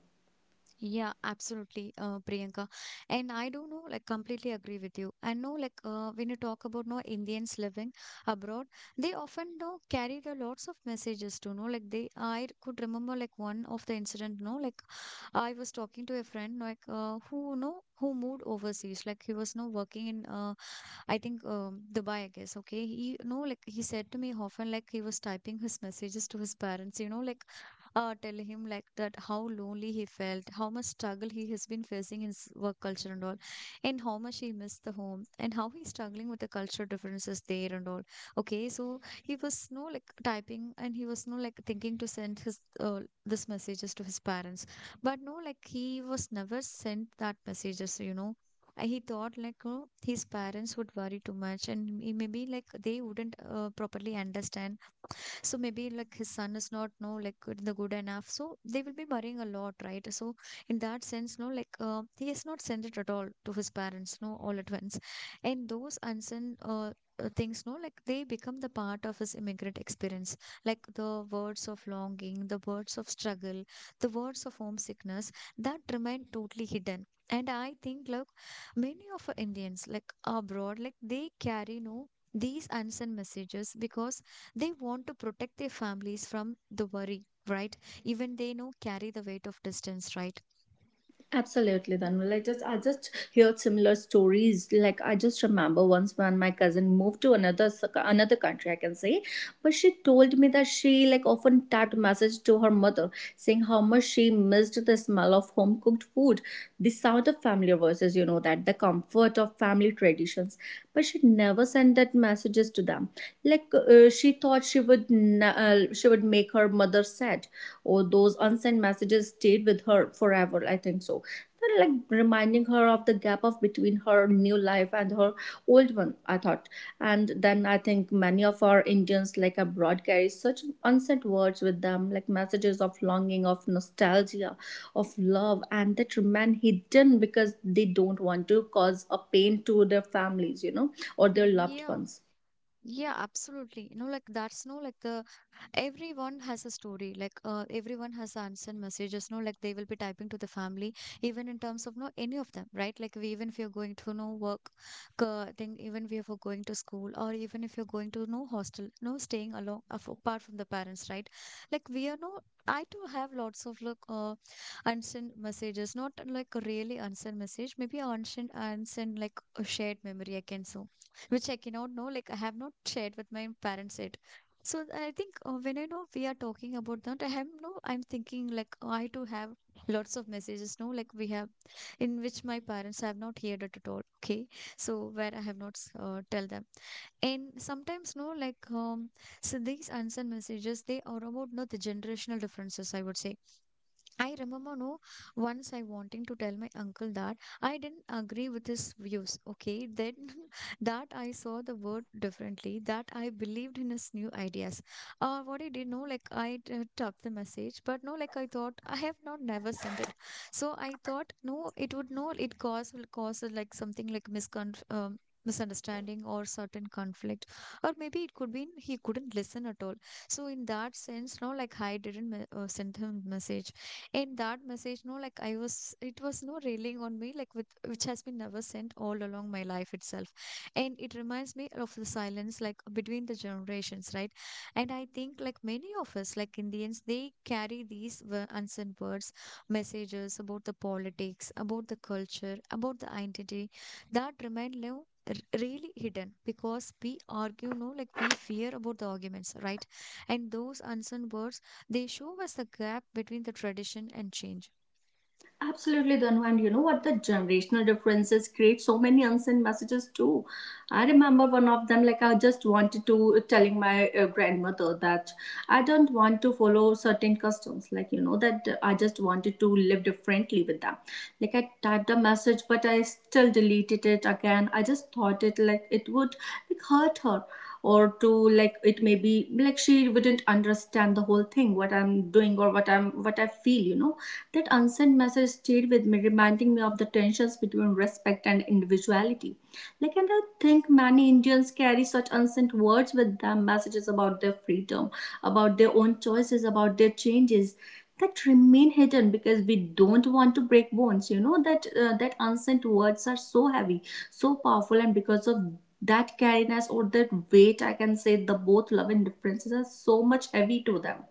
Yeah, absolutely, uh, Priyanka. And I do know, like, completely agree with you. I know, like, uh, when you talk about no Indians living abroad, they often know carry the lots of messages to know. Like, they, I could remember like one of the incident. No, like, I was talking to a friend, like, uh, who know who moved overseas. Like, he was no working in, uh, I think, um, Dubai, I guess. Okay, he no, like, he said to me often, like, he was typing his messages to his parents. You know, like uh, tell him like that how lonely he felt, how much struggle he has been facing in his work culture and all, and how much he missed the home, and how he's struggling with the cultural differences there and all. Okay, so he was no like typing, and he was no like thinking to send his uh, this messages to his parents, but no like he was never sent that messages. You know, uh, he thought like you know, his parents would worry too much and he maybe like they wouldn't uh, properly understand so maybe like his son is not no like good, the good enough. So they will be worrying a lot, right? So in that sense, no, like uh, he has not sent it at all to his parents, no, all at once. And those unsent uh, uh, things, no, like they become the part of his immigrant experience, like the words of longing, the words of struggle, the words of homesickness that remain totally hidden. And I think, look, many of our Indians, like abroad, like they carry no these unsent messages because they want to protect their families from the worry, right, even they know carry the weight of distance, right?
Absolutely, Dhanval. I just I just heard similar stories. Like I just remember once when my cousin moved to another s- another country, I can say, but she told me that she like often typed message to her mother saying how much she missed the smell of home cooked food, the sound of familiar voices, you know, that the comfort of family traditions. But she never sent that messages to them. Like uh, she thought she would na- uh, she would make her mother sad, or those unsent messages stayed with her forever. I think so. They're like reminding her of the gap of between her new life and her old one. I thought, and then I think many of our Indians like abroad carry such unsent words with them, like messages of longing, of nostalgia, of love, and that remain hidden because they don't want to cause a pain to their families, you know, or their loved
Yeah,
ones.
yeah, absolutely. You know, like that's no like the everyone has a story. Like uh, everyone has unsent messages. No, like they will be typing to the family, even in terms of no any of them, right? Like we, even if you're going to no work, uh, thing, even if you're going to school, or even if you're going to no hostel, no staying along af- apart from the parents, right? Like we are no. I too have lots of like uh, unsent messages. Not like really unsent message. Maybe unsent unsent like a shared memory. I can say which I cannot know. Like I have not shared with my parents yet. So I think uh, when I know we are talking about that, I have no. I'm thinking like oh, I too have lots of messages. No, like we have in which my parents have not heard it at all. Okay, so where I have not s- uh, tell them and sometimes no like um so these unsent messages they are about no the generational differences, I would say. I remember no once I wanting to tell my uncle that I didn't agree with his views. Okay, then that I saw the word differently, that I believed in his new ideas. Uh, what I did, no, like I uh, typed the message, but no, like I thought I have not never sent it. So I thought no, it would no, it cause will cause uh, like something like miscon. Um, misunderstanding or certain conflict or maybe it could be he couldn't listen at all, so in that sense no like I didn't me- uh, send him message. And that message, no, like I was, it was no railing on me, like with which has been never sent all along my life itself. And it reminds me of the silence, like between the generations, right? And I think, like many of us, like Indians, they carry these wo- unsent words, messages about the politics, about the culture, about the identity that remain no, r- really hidden because we argue no like we fear about the arguments, right, and those unsent words, they show us the gap between the tradition and change.
Absolutely, Danu. And you know what? The generational differences create so many unsent messages too. I remember one of them, like I just wanted to telling my uh, grandmother that I don't want to follow certain customs, like you know, that I just wanted to live differently with them. Like I typed a message, but I still deleted it again. I just thought it like it would like hurt her, or to like it may be like she wouldn't understand the whole thing, what I'm doing, or what I'm, what I feel, you know. That unsent message stayed with me, reminding me of the tensions between respect and individuality. Like, and I think many Indians carry such unsent words with them, messages about their freedom, about their own choices, about their changes that remain hidden because we don't want to break bones, you know. That uh, that unsent words are so heavy, so powerful, and because of that carriness or that weight I can say, the both love and differences are so much heavy to them.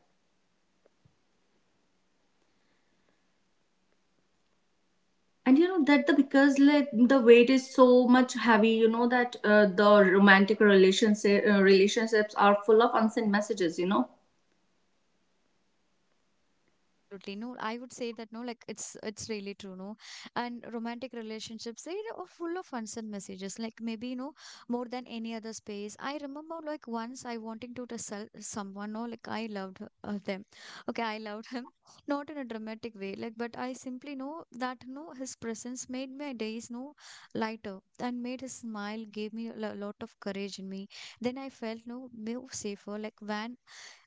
And you know that the, because like the weight is so much heavy, you know, that uh, the romantic relationship uh, relationships are full of unsent messages, you know.
Absolutely. No, I would say that no, like it's it's really true, no. And romantic relationships, they are full of unsent messages. Like maybe, you know, more than any other space. I remember like once I wanting to just sell someone, no, like I loved her, uh, them. Okay, I loved him. Not in a dramatic way, like, but I simply know that no, his presence made my days no lighter and made his smile gave me a lo- lot of courage in me, then I felt no more safer, like when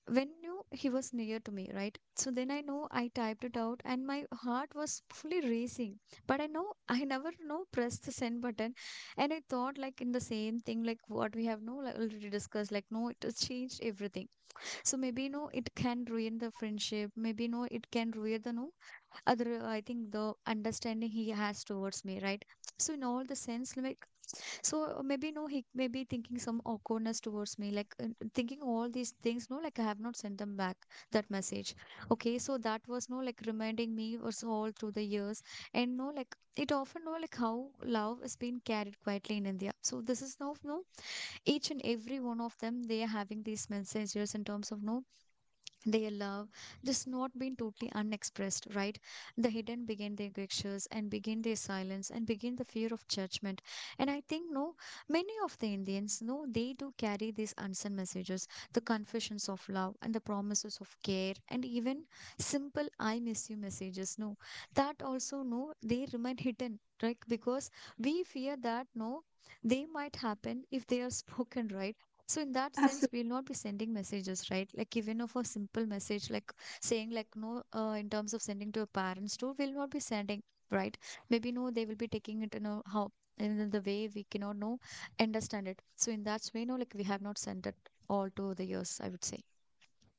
when knew he was near to me, right? So then I know I typed it out and my heart was fully racing. But I know I never know pressed the send button. And I thought like in the same thing, like what we have no like, already discussed, like no, it has changed everything. So maybe no, it can ruin the friendship. Maybe no, it can ruin the no other I think the understanding he has towards me, right? So in all the sense, like so uh, maybe no, he may be thinking some awkwardness towards me, like uh, thinking all these things. No, like I have not sent them back that message. Okay, so that was no like reminding me was all through the years, and no like it often no like how love is being carried quietly in India. So this is now no each and every one of them they are having these messages in terms of no their love just not been totally unexpressed, right, the hidden begin their gestures and begin their silence and begin the fear of judgment. And I think no many of the Indians no they do carry these unsent messages, the confessions of love and the promises of care and even simple I miss you messages no, that also no they remain hidden, right, because we fear that no they might happen if they are spoken, right? So in that sense, we'll not be sending messages, right? Like even of a simple message, like saying like no, uh, in terms of sending to your parents too, we'll not be sending, right? Maybe no, they will be taking it, you know, how in the way we cannot know, understand it. So in that way, no, like we have not sent it all to the years, I would say.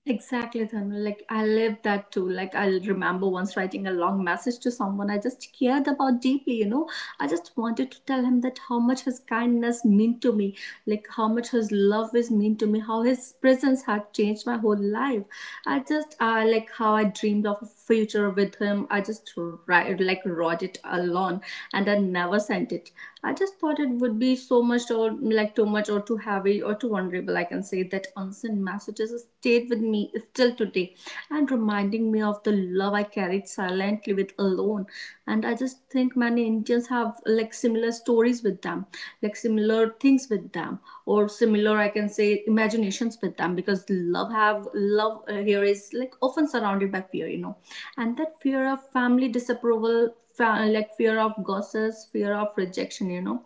Exactly, Thermal. Like I lived that too. Like I remember once writing a long message to someone I just cared about deeply, you know. I just wanted to tell him that how much his kindness meant to me, like how much his love is mean to me, how his presence had changed my whole life. I just uh, like how I dreamed of a future with him. I just write, like wrote it alone, and I never sent it. I just thought it would be so much, or like too much or too heavy or too vulnerable. I can say that unsent messages stayed with me still today and reminding me of the love I carried silently with alone. And I just think many Indians have like similar stories with them, like similar things with them, or similar I can say imaginations with them, because love have love uh, here is like often surrounded by fear, you know, and that fear of family disapproval, fa- like fear of gossips, fear of rejection, you know,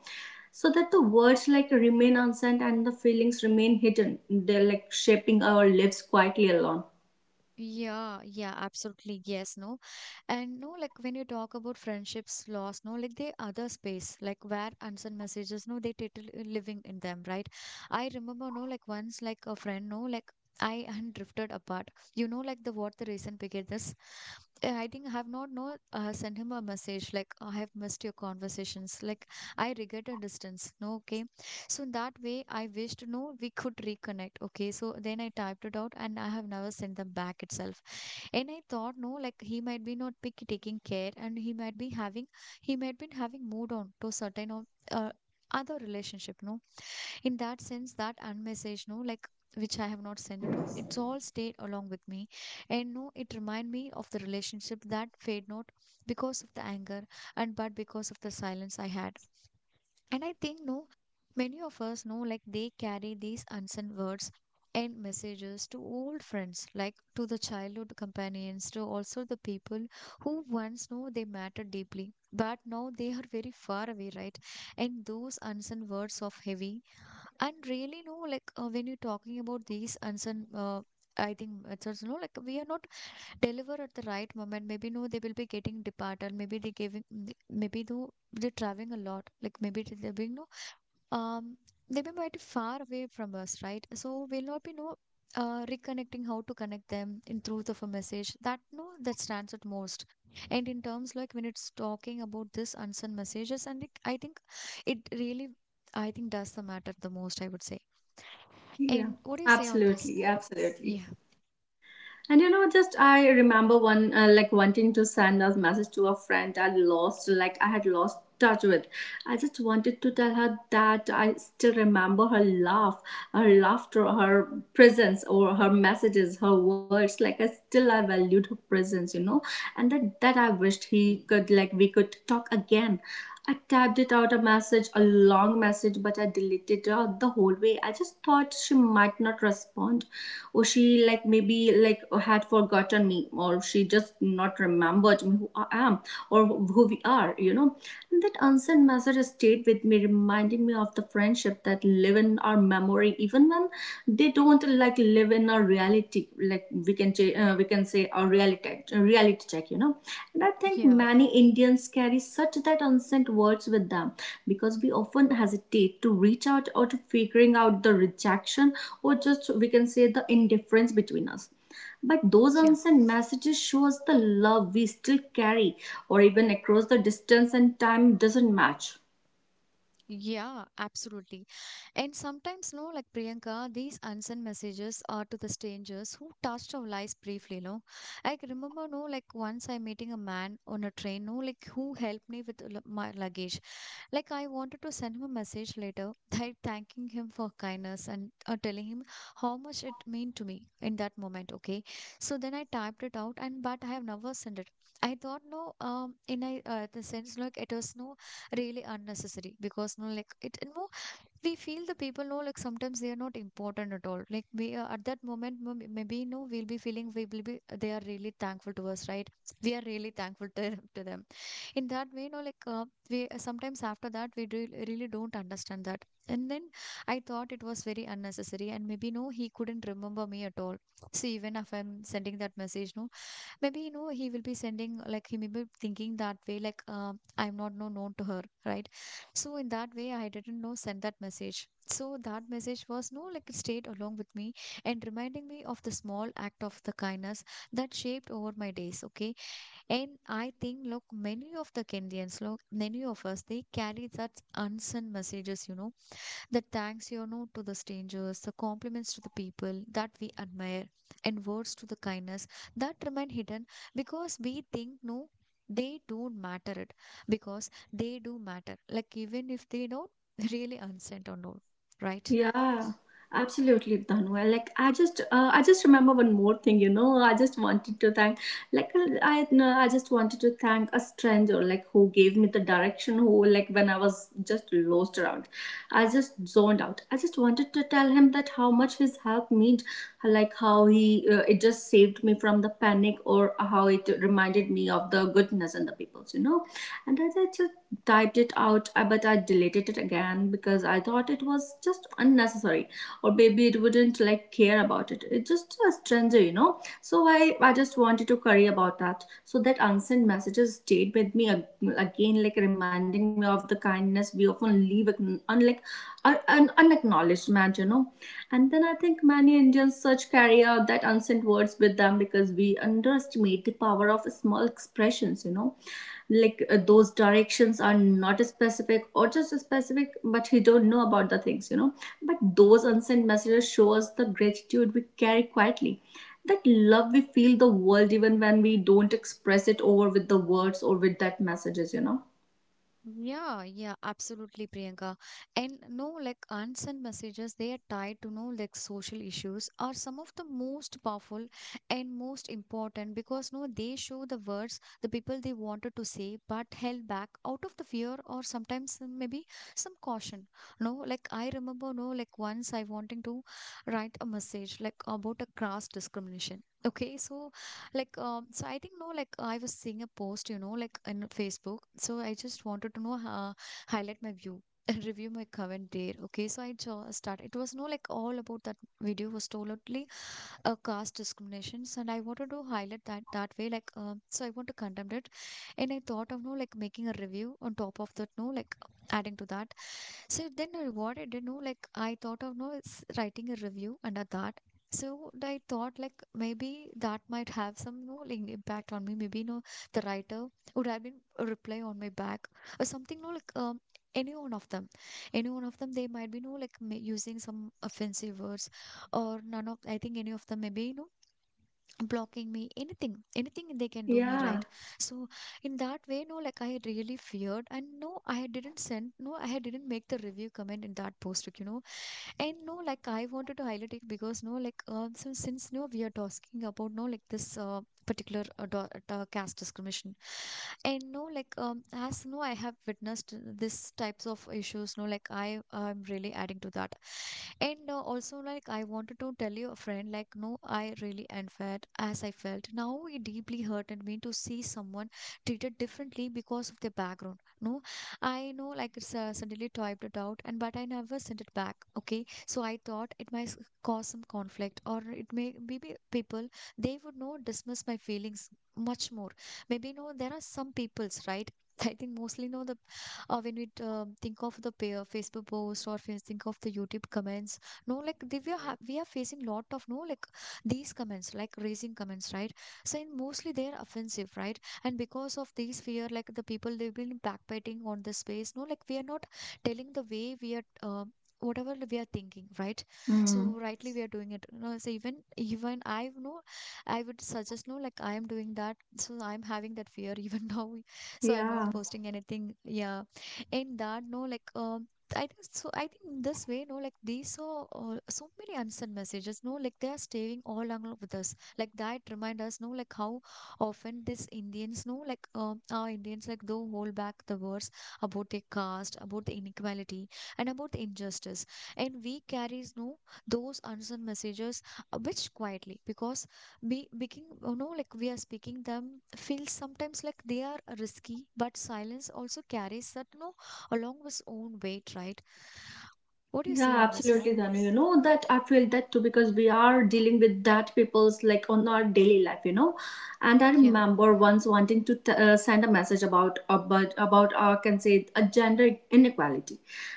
so that the words like remain unsaid and the feelings remain hidden. They're like shaping our lives quietly alone.
Yeah, yeah, absolutely. Yes, no. And no, like when you talk about friendships lost, no, like the other space, like where unsent messages, no, they title uh, living in them, right? I remember, no, like once, like a friend, no, like I and drifted apart. You know, like the what the reason behind this? Uh, I think I have not know uh, sent him a message like I have missed your conversations. Like I regret a distance. No, okay. So in that way, I wished, no, we could reconnect. Okay. So then I typed it out and I have never sent them back itself. And I thought, no, like he might be not pick, taking care and he might be having, he might be having moved on to certain or uh, other relationship. No, in that sense, that unmessage, no, like which I have not sent it to, it's all stayed along with me. And no, it remind me of the relationship that fade not because of the anger and but because of the silence I had. And I think, no, many of us know like they carry these unsent words and messages to old friends, like to the childhood companions, to also the people who once know they mattered deeply, but now they are very far away, right? And those unsent words of heavy and really, no, like uh, when you're talking about these unsent. Uh, I think it's also no, like we are not delivered at the right moment. Maybe no, they will be getting departed. Maybe they giving, maybe though they're traveling a lot. Like maybe they're being no um, they may be far away from us, right? So we'll not be no uh, reconnecting how to connect them in truth of a message. That no, that stands at most. And in terms like when it's talking about this unsent messages, and it, I think it really, I think does the matter the most. I would say.
Yeah,
And what do you say on this?
absolutely,
Yeah,
absolutely. And you know, just I remember one uh, like wanting to send a message to a friend I lost, like I had lost touch with. I just wanted to tell her that I still remember her laugh, her laughter, her presence, or her messages, her words. Like I still I valued her presence, you know, and that that I wished he could, like we could talk again. I typed it out a message, a long message, but I deleted it out the whole way. I just thought she might not respond, or she like maybe like had forgotten me, or she just not remembered me who I am or who we are, you know. And that unsent message stayed with me, reminding me of the friendship that live in our memory, even when they don't like live in our reality. Like we can ch- uh, we can say our reality reality check, you know. And I think
yeah,
many Indians carry such that unsent words with them because we often hesitate to reach out or to figuring out the rejection, or just we can say the indifference between us. But those
yeah.
unsent messages show us the love we still carry, or even across the distance and time doesn't match.
Yeah, absolutely. And sometimes, no, like Priyanka, these unsent messages are to the strangers who touched our lives briefly, no. I can remember, no, like once I meeting a man on a train, no, like who helped me with l- my luggage. Like I wanted to send him a message later, like thanking him for kindness and uh, telling him how much it meant to me in that moment. Okay, so then I typed it out, and but I have never sent it. I thought no, um, in a uh, the sense like it was no really unnecessary because no like it no we feel the people know like sometimes they are not important at all. Like we uh, at that moment m- maybe no we'll be feeling we will be they are really thankful to us, right? We are really thankful to, to them in that way you know like uh, we uh, sometimes after that we do, really don't understand that, and then I thought it was very unnecessary, and maybe no he couldn't remember me at all. See, even if I'm sending that message no, maybe you know he will be sending, like he may be thinking that way like uh, I'm not no known to her, right? So in that way I didn't know send that message, so that message was no like it stayed along with me and reminding me of the small act of the kindness that shaped over my days. Okay, and I think, look, many of the Kenyans, look, many of us, they carry such unsent messages, you know, that thanks, you know, to the strangers, the compliments to the people that we admire, and words to the kindness that remain hidden because we think, no, they don't matter it, because they do matter. Like, even if they don't really unsent or no, right?
Yeah, absolutely, Dhanwal. Like I just, uh, I just remember one more thing. You know, I just wanted to thank, like I, no, I just wanted to thank a stranger, like who gave me the direction. Who, like when I was just lost around, I just zoned out. I just wanted to tell him that how much his help meant, like how he, uh, it just saved me from the panic, or how it reminded me of the goodness and the peoples. You know, and I just typed it out, uh, but I deleted it again because I thought it was just unnecessary, or maybe it wouldn't like care about it. It's just a stranger, you know. So I I just wanted to worry about that. So that unsent messages stayed with me again, like reminding me of the kindness we often leave unlike an un- unacknowledged, man. You know. And then I think many Indians such carry out that unsent words with them because we underestimate the power of small expressions, you know, like uh, those directions are not specific or just specific, but he don't know about the things, you know. But those unsent messages show us the gratitude we carry quietly, that love we feel the world even when we don't express it over with the words or with that messages, you know.
Yeah, yeah, absolutely, Priyanka. And no, like unsent messages, they are tied to no like social issues are some of the most powerful and most important because no, they show the words the people they wanted to say but held back out of the fear, or sometimes uh, maybe some caution. No, like I remember, no, like once I wanting to write a message like about a class discrimination. Okay, so like, um, so I think, no, like, I was seeing a post, you know, like in Facebook. So I just wanted to know, uh, highlight my view and review my comment there. Okay. So I just started. It was no, like, all about that video was totally uh, caste discriminations. And I wanted to highlight that that way. Like, um, so I want to condemn it. And I thought of, no, like, making a review on top of that, no, like, adding to that. So then I what I did know like I thought of no it's writing a review under that. So I thought like maybe that might have some no like, impact on me. Maybe no the writer would have been a reply on my back or something no like um any one of them, any one of them they might be no like ma- using some offensive words, or none of I think any of them maybe you know blocking me, anything anything they can do me,
Yeah.
right? So in that way no like I really feared and no I didn't send, no I didn't make the review comment in that post, like, you know. And no, like I wanted to highlight it because no, like uh, since since no, we are talking about no, like this uh, particular uh, do- uh, caste discrimination, and no, like um, as no, I have witnessed this types of issues. No, like I am really adding to that, and uh, also like I wanted to tell you a friend, like no, I really unfair as I felt. Now it deeply hurted me to see someone treated differently because of their background. No, I know like it's, uh, suddenly typed it out, and but I never sent it back. Okay. So I thought it might s- cause some conflict, or it may maybe people they would know dismiss my feelings much more. Maybe no, there are some people's right. I think mostly no the uh, when we uh, think of the pa- uh, Facebook post or fa- think of the YouTube comments, no like they, we are ha- we are facing lot of no like these comments like raising comments, right. So in mostly they are offensive, right, and because of these fear like the people they've been backbiting on the space. No like we are not telling the way we are uh, whatever we are thinking, right? So
Hmm.
rightly we are doing it no, so even even I know I would suggest no like I am doing that, so I'm having that fear even now, so I'm not
Yeah.
posting anything. Yeah, in that no like um I think so. I think in this way, no, like these are uh, so many unsent messages, no, like they are staying all along with us. Like that remind us, no, like how often these Indians, no, like um, our Indians, like they hold back the words about their caste, about the inequality, and about the injustice. And we carries no those unsung messages uh, which quietly because we begin you know like we are speaking them feels sometimes like they are risky, but silence also carries that no along with its own weight, right? What do you see
Yeah,
on this? No,
absolutely, Danu. You know that I feel that too because we are dealing with that people's like on our daily life, you know. And I
yeah,
remember once wanting to t- uh, send a message about about about uh, can say a gender inequality,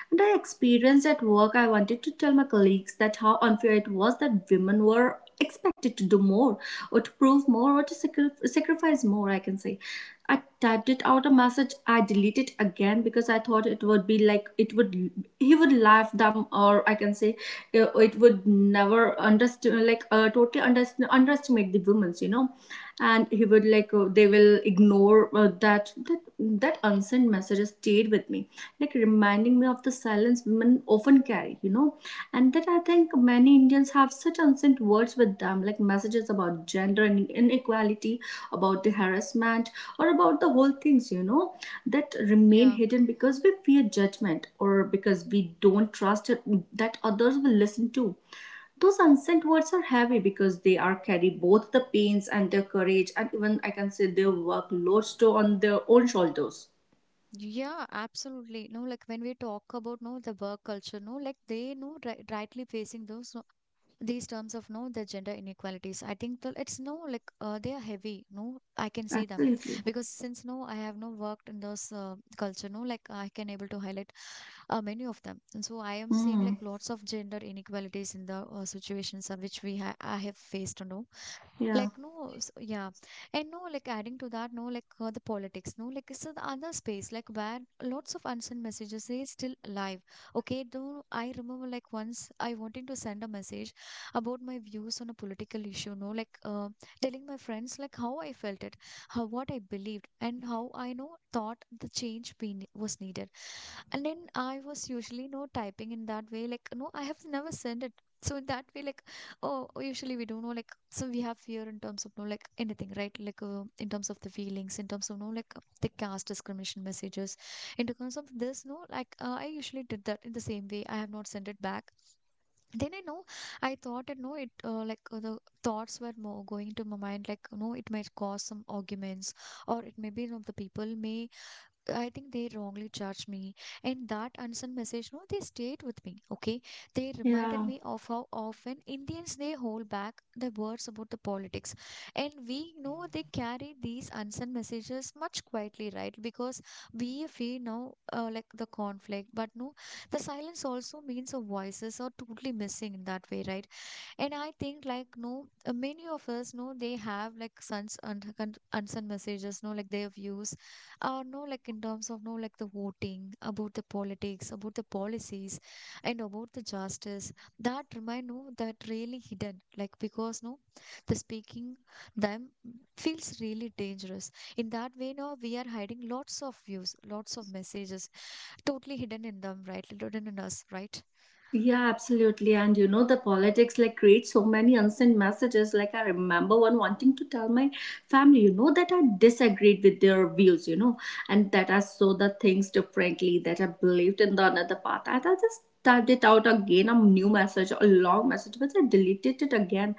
and I experienced at work. I wanted to tell my colleagues that how unfair it was that women were expected to do more, or to prove more, or to sacri- sacrifice more. I can say typed it out a message, I delete it again because I thought it would be like it would, he would laugh them, or I can say uh, it would never understand, like uh, totally underst- underestimate the women's, you know. And he would like uh, they will ignore uh, that that that unsent messages stayed with me, like reminding me of the silence women often carry, you know. And that I think many Indians have such ancient words with them, like messages about gender and inequality, about the harassment, or about the whole things, you know, that remain
yeah.
hidden because we fear judgment, or because we don't trust it that others will listen to. Those unsent words are heavy because they are carry both the pains and their courage, and even I can say their workloads to on their own shoulders.
Yeah, absolutely. No, like when we talk about no the work culture, no, like they know ri rightly facing those these terms of no the gender inequalities, I think that it's no like uh, they are heavy no I can see them,
Absolutely.
because since no I have no worked in those uh, culture no like I can able to highlight uh, many of them, and so I am seeing like
Mm.
lots of gender inequalities in the uh, situations of which we ha- I have faced no
Yeah.
like no s- yeah. And no like adding to that no like uh, the politics no like so the other space like where lots of unsent messages is still alive. Okay, though I remember like once I wanted to send a message about my views on a political issue no like uh, telling my friends like how I felt it, how what I believed, and how I know thought the change be, ne- was needed. And then I was usually no typing in that way like no I have never sent it. So in that way like, oh, usually we don't know, like, so we have fear in terms of, no, like, anything, right? Like, uh, in terms of the feelings, in terms of, no, like, uh, the caste discrimination messages. In terms of this, no, like, uh, I usually did that in the same way. I have not sent it back. Then I know, I thought, it, no, it, uh, like, uh, the thoughts were more going into my mind, like, no, it might cause some arguments, or it may be, you know, the people may I think they wrongly charged me. And that unsent message, no, they stayed with me. Okay. They reminded
Yeah.
me of how often Indians they hold back the words about the politics. And we know they carry these unsent messages much quietly, right? Because we feel now uh, like the conflict, but no, the silence also means our voices are totally missing in that way, right? And I think like no, uh, many of us know they have like sons and unsent messages, no, like their views, or no, like in terms of no, like the voting about the politics, about the policies, and about the justice. That remind no, that really hidden, like because no, the speaking them feels really dangerous. In that way, no, we are hiding lots of views, lots of messages, totally hidden in them, right? Hidden in us, right?
Yeah, absolutely. And you know, the politics like create so many unsent messages. Like I remember one wanting to tell my family, you know, that I disagreed with their views, you know, and that I saw the things differently, that I believed in the another path. And I just typed it out again, a new message, a long message, but I deleted it again,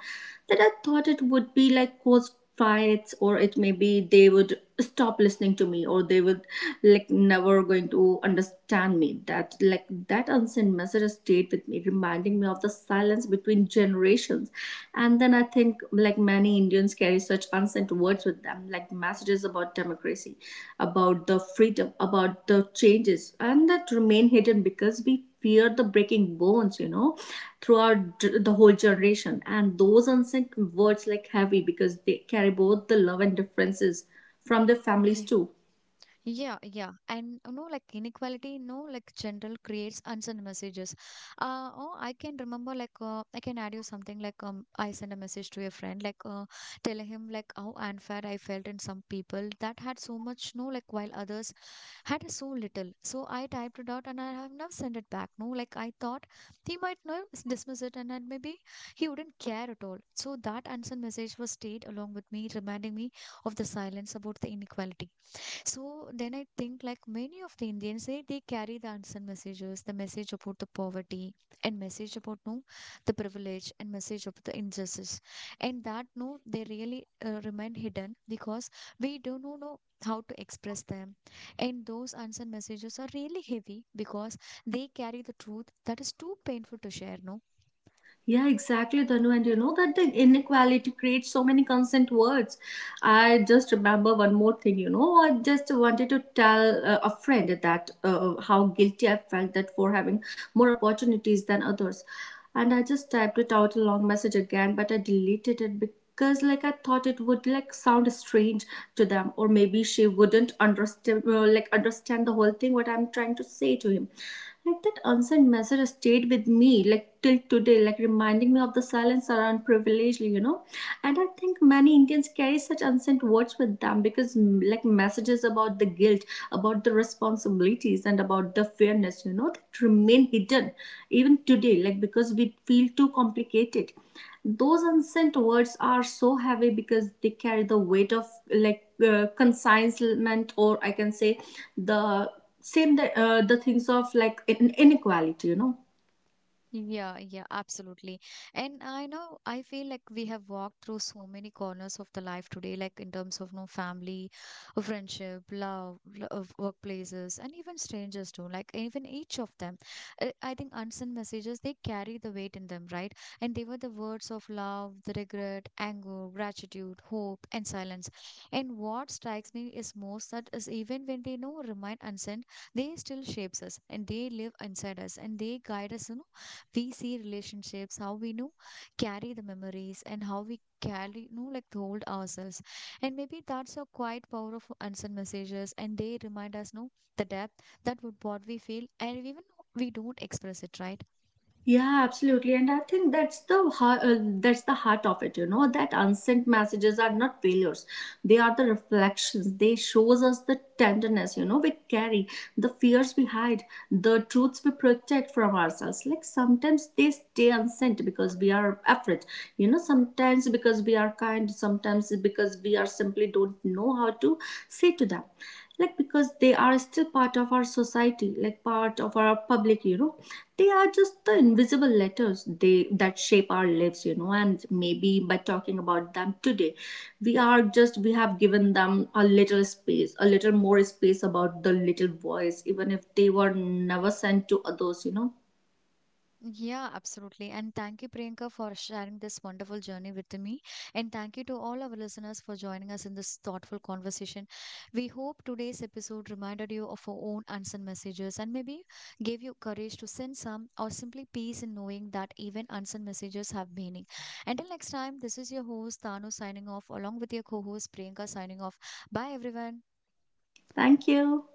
that I thought it would be like cause fights, or it may be they would stop listening to me, or they would like never going to understand me. That like that unsent message has stayed with me, reminding me of the silence between generations. And then I think like many Indians carry such unsent words with them, like messages about democracy, about the freedom, about the changes, and that remain hidden because we fear the breaking bones, you know, throughout d- the whole generation. And those unsent words like heavy because they carry both the love and differences from their families
Yeah.
too.
Yeah, yeah. And you know, like inequality, you know, like general creates unsent messages. Uh, oh, I can remember like uh, I can add you something like um I sent a message to a friend like uh, telling him like how unfair I felt in some people that had so much no like while others had so little. So I typed it out, and I have now sent it back. No, like I thought he might not dismiss it, and then maybe he wouldn't care at all. So that unsent message was stayed along with me, reminding me of the silence about the inequality. So then I think like many of the Indians, they, they carry the unsent messages, the message about the poverty, and message about no the privilege, and message about the injustice. And that no, they really uh, remain hidden because we don't know know how to express them. And those unsent messages are really heavy because they carry the truth that is too painful to share, no?
Yeah, exactly, Dhanu. And you know that the inequality creates so many consent words. I just remember one more thing, you know. I just wanted to tell uh, a friend that uh, how guilty I felt that for having more opportunities than others. And I just typed it out a long message again, but I deleted it because like I thought it would like sound strange to them, or maybe she wouldn't understand, uh, like understand the whole thing what I'm trying to say to him. Like that unsent message stayed with me, like till today, like reminding me of the silence around privilege, you know. And I think many Indians carry such unsent words with them because, mm, like, messages about the guilt, about the responsibilities, and about the fairness, you know, that remain hidden even today, like because we feel too complicated. Those unsent words are so heavy because they carry the weight of like uh, consignment, or I can say the same the, uh, the things of like in- inequality, you know.
Yeah, yeah, absolutely. And I know I feel like we have walked through so many corners of the life today, like in terms of no family, uh, friendship, love, l- of workplaces, and even strangers too. Like even each of them, uh, I think unsent messages they carry the weight in them, right? And they were the words of love, the regret, anger, gratitude, hope, and silence. And what strikes me is most that is even when they no remain unsent, they still shapes us, and they live inside us, and they guide us. You know, we see relationships, how we know carry the memories and how we carry you know like hold ourselves. And maybe that's a quiet power of unsent messages, and they remind us no the depth that would what we feel, and even we don't express it, right?
Yeah, absolutely, and I think that's the ha- uh, that's the heart of it. You know that unsent messages are not failures; they are the reflections. They shows us the tenderness. You know we carry the fears we hide, the truths we protect from ourselves. Like sometimes they stay unsent because we are afraid. You know sometimes because we are kind, sometimes because we are simply don't know how to say to them, like because they are still part of our society, like part of our public, you know. They are just the invisible letters they that shape our lives, you know. And maybe by talking about them today, we are just we have given them a little space, a little more space about the little voice, even if they were never sent to others, you know.
Yeah, absolutely. And thank you, Priyanka, for sharing this wonderful journey with me. And thank you to all our listeners for joining us in this thoughtful conversation. We hope today's episode reminded you of your own unsent messages, and maybe gave you courage to send some or simply peace in knowing that even unsent messages have meaning. Until next time, this is your host, Tanu, signing off along with your co host, Priyanka, signing off. Bye, everyone.
Thank you.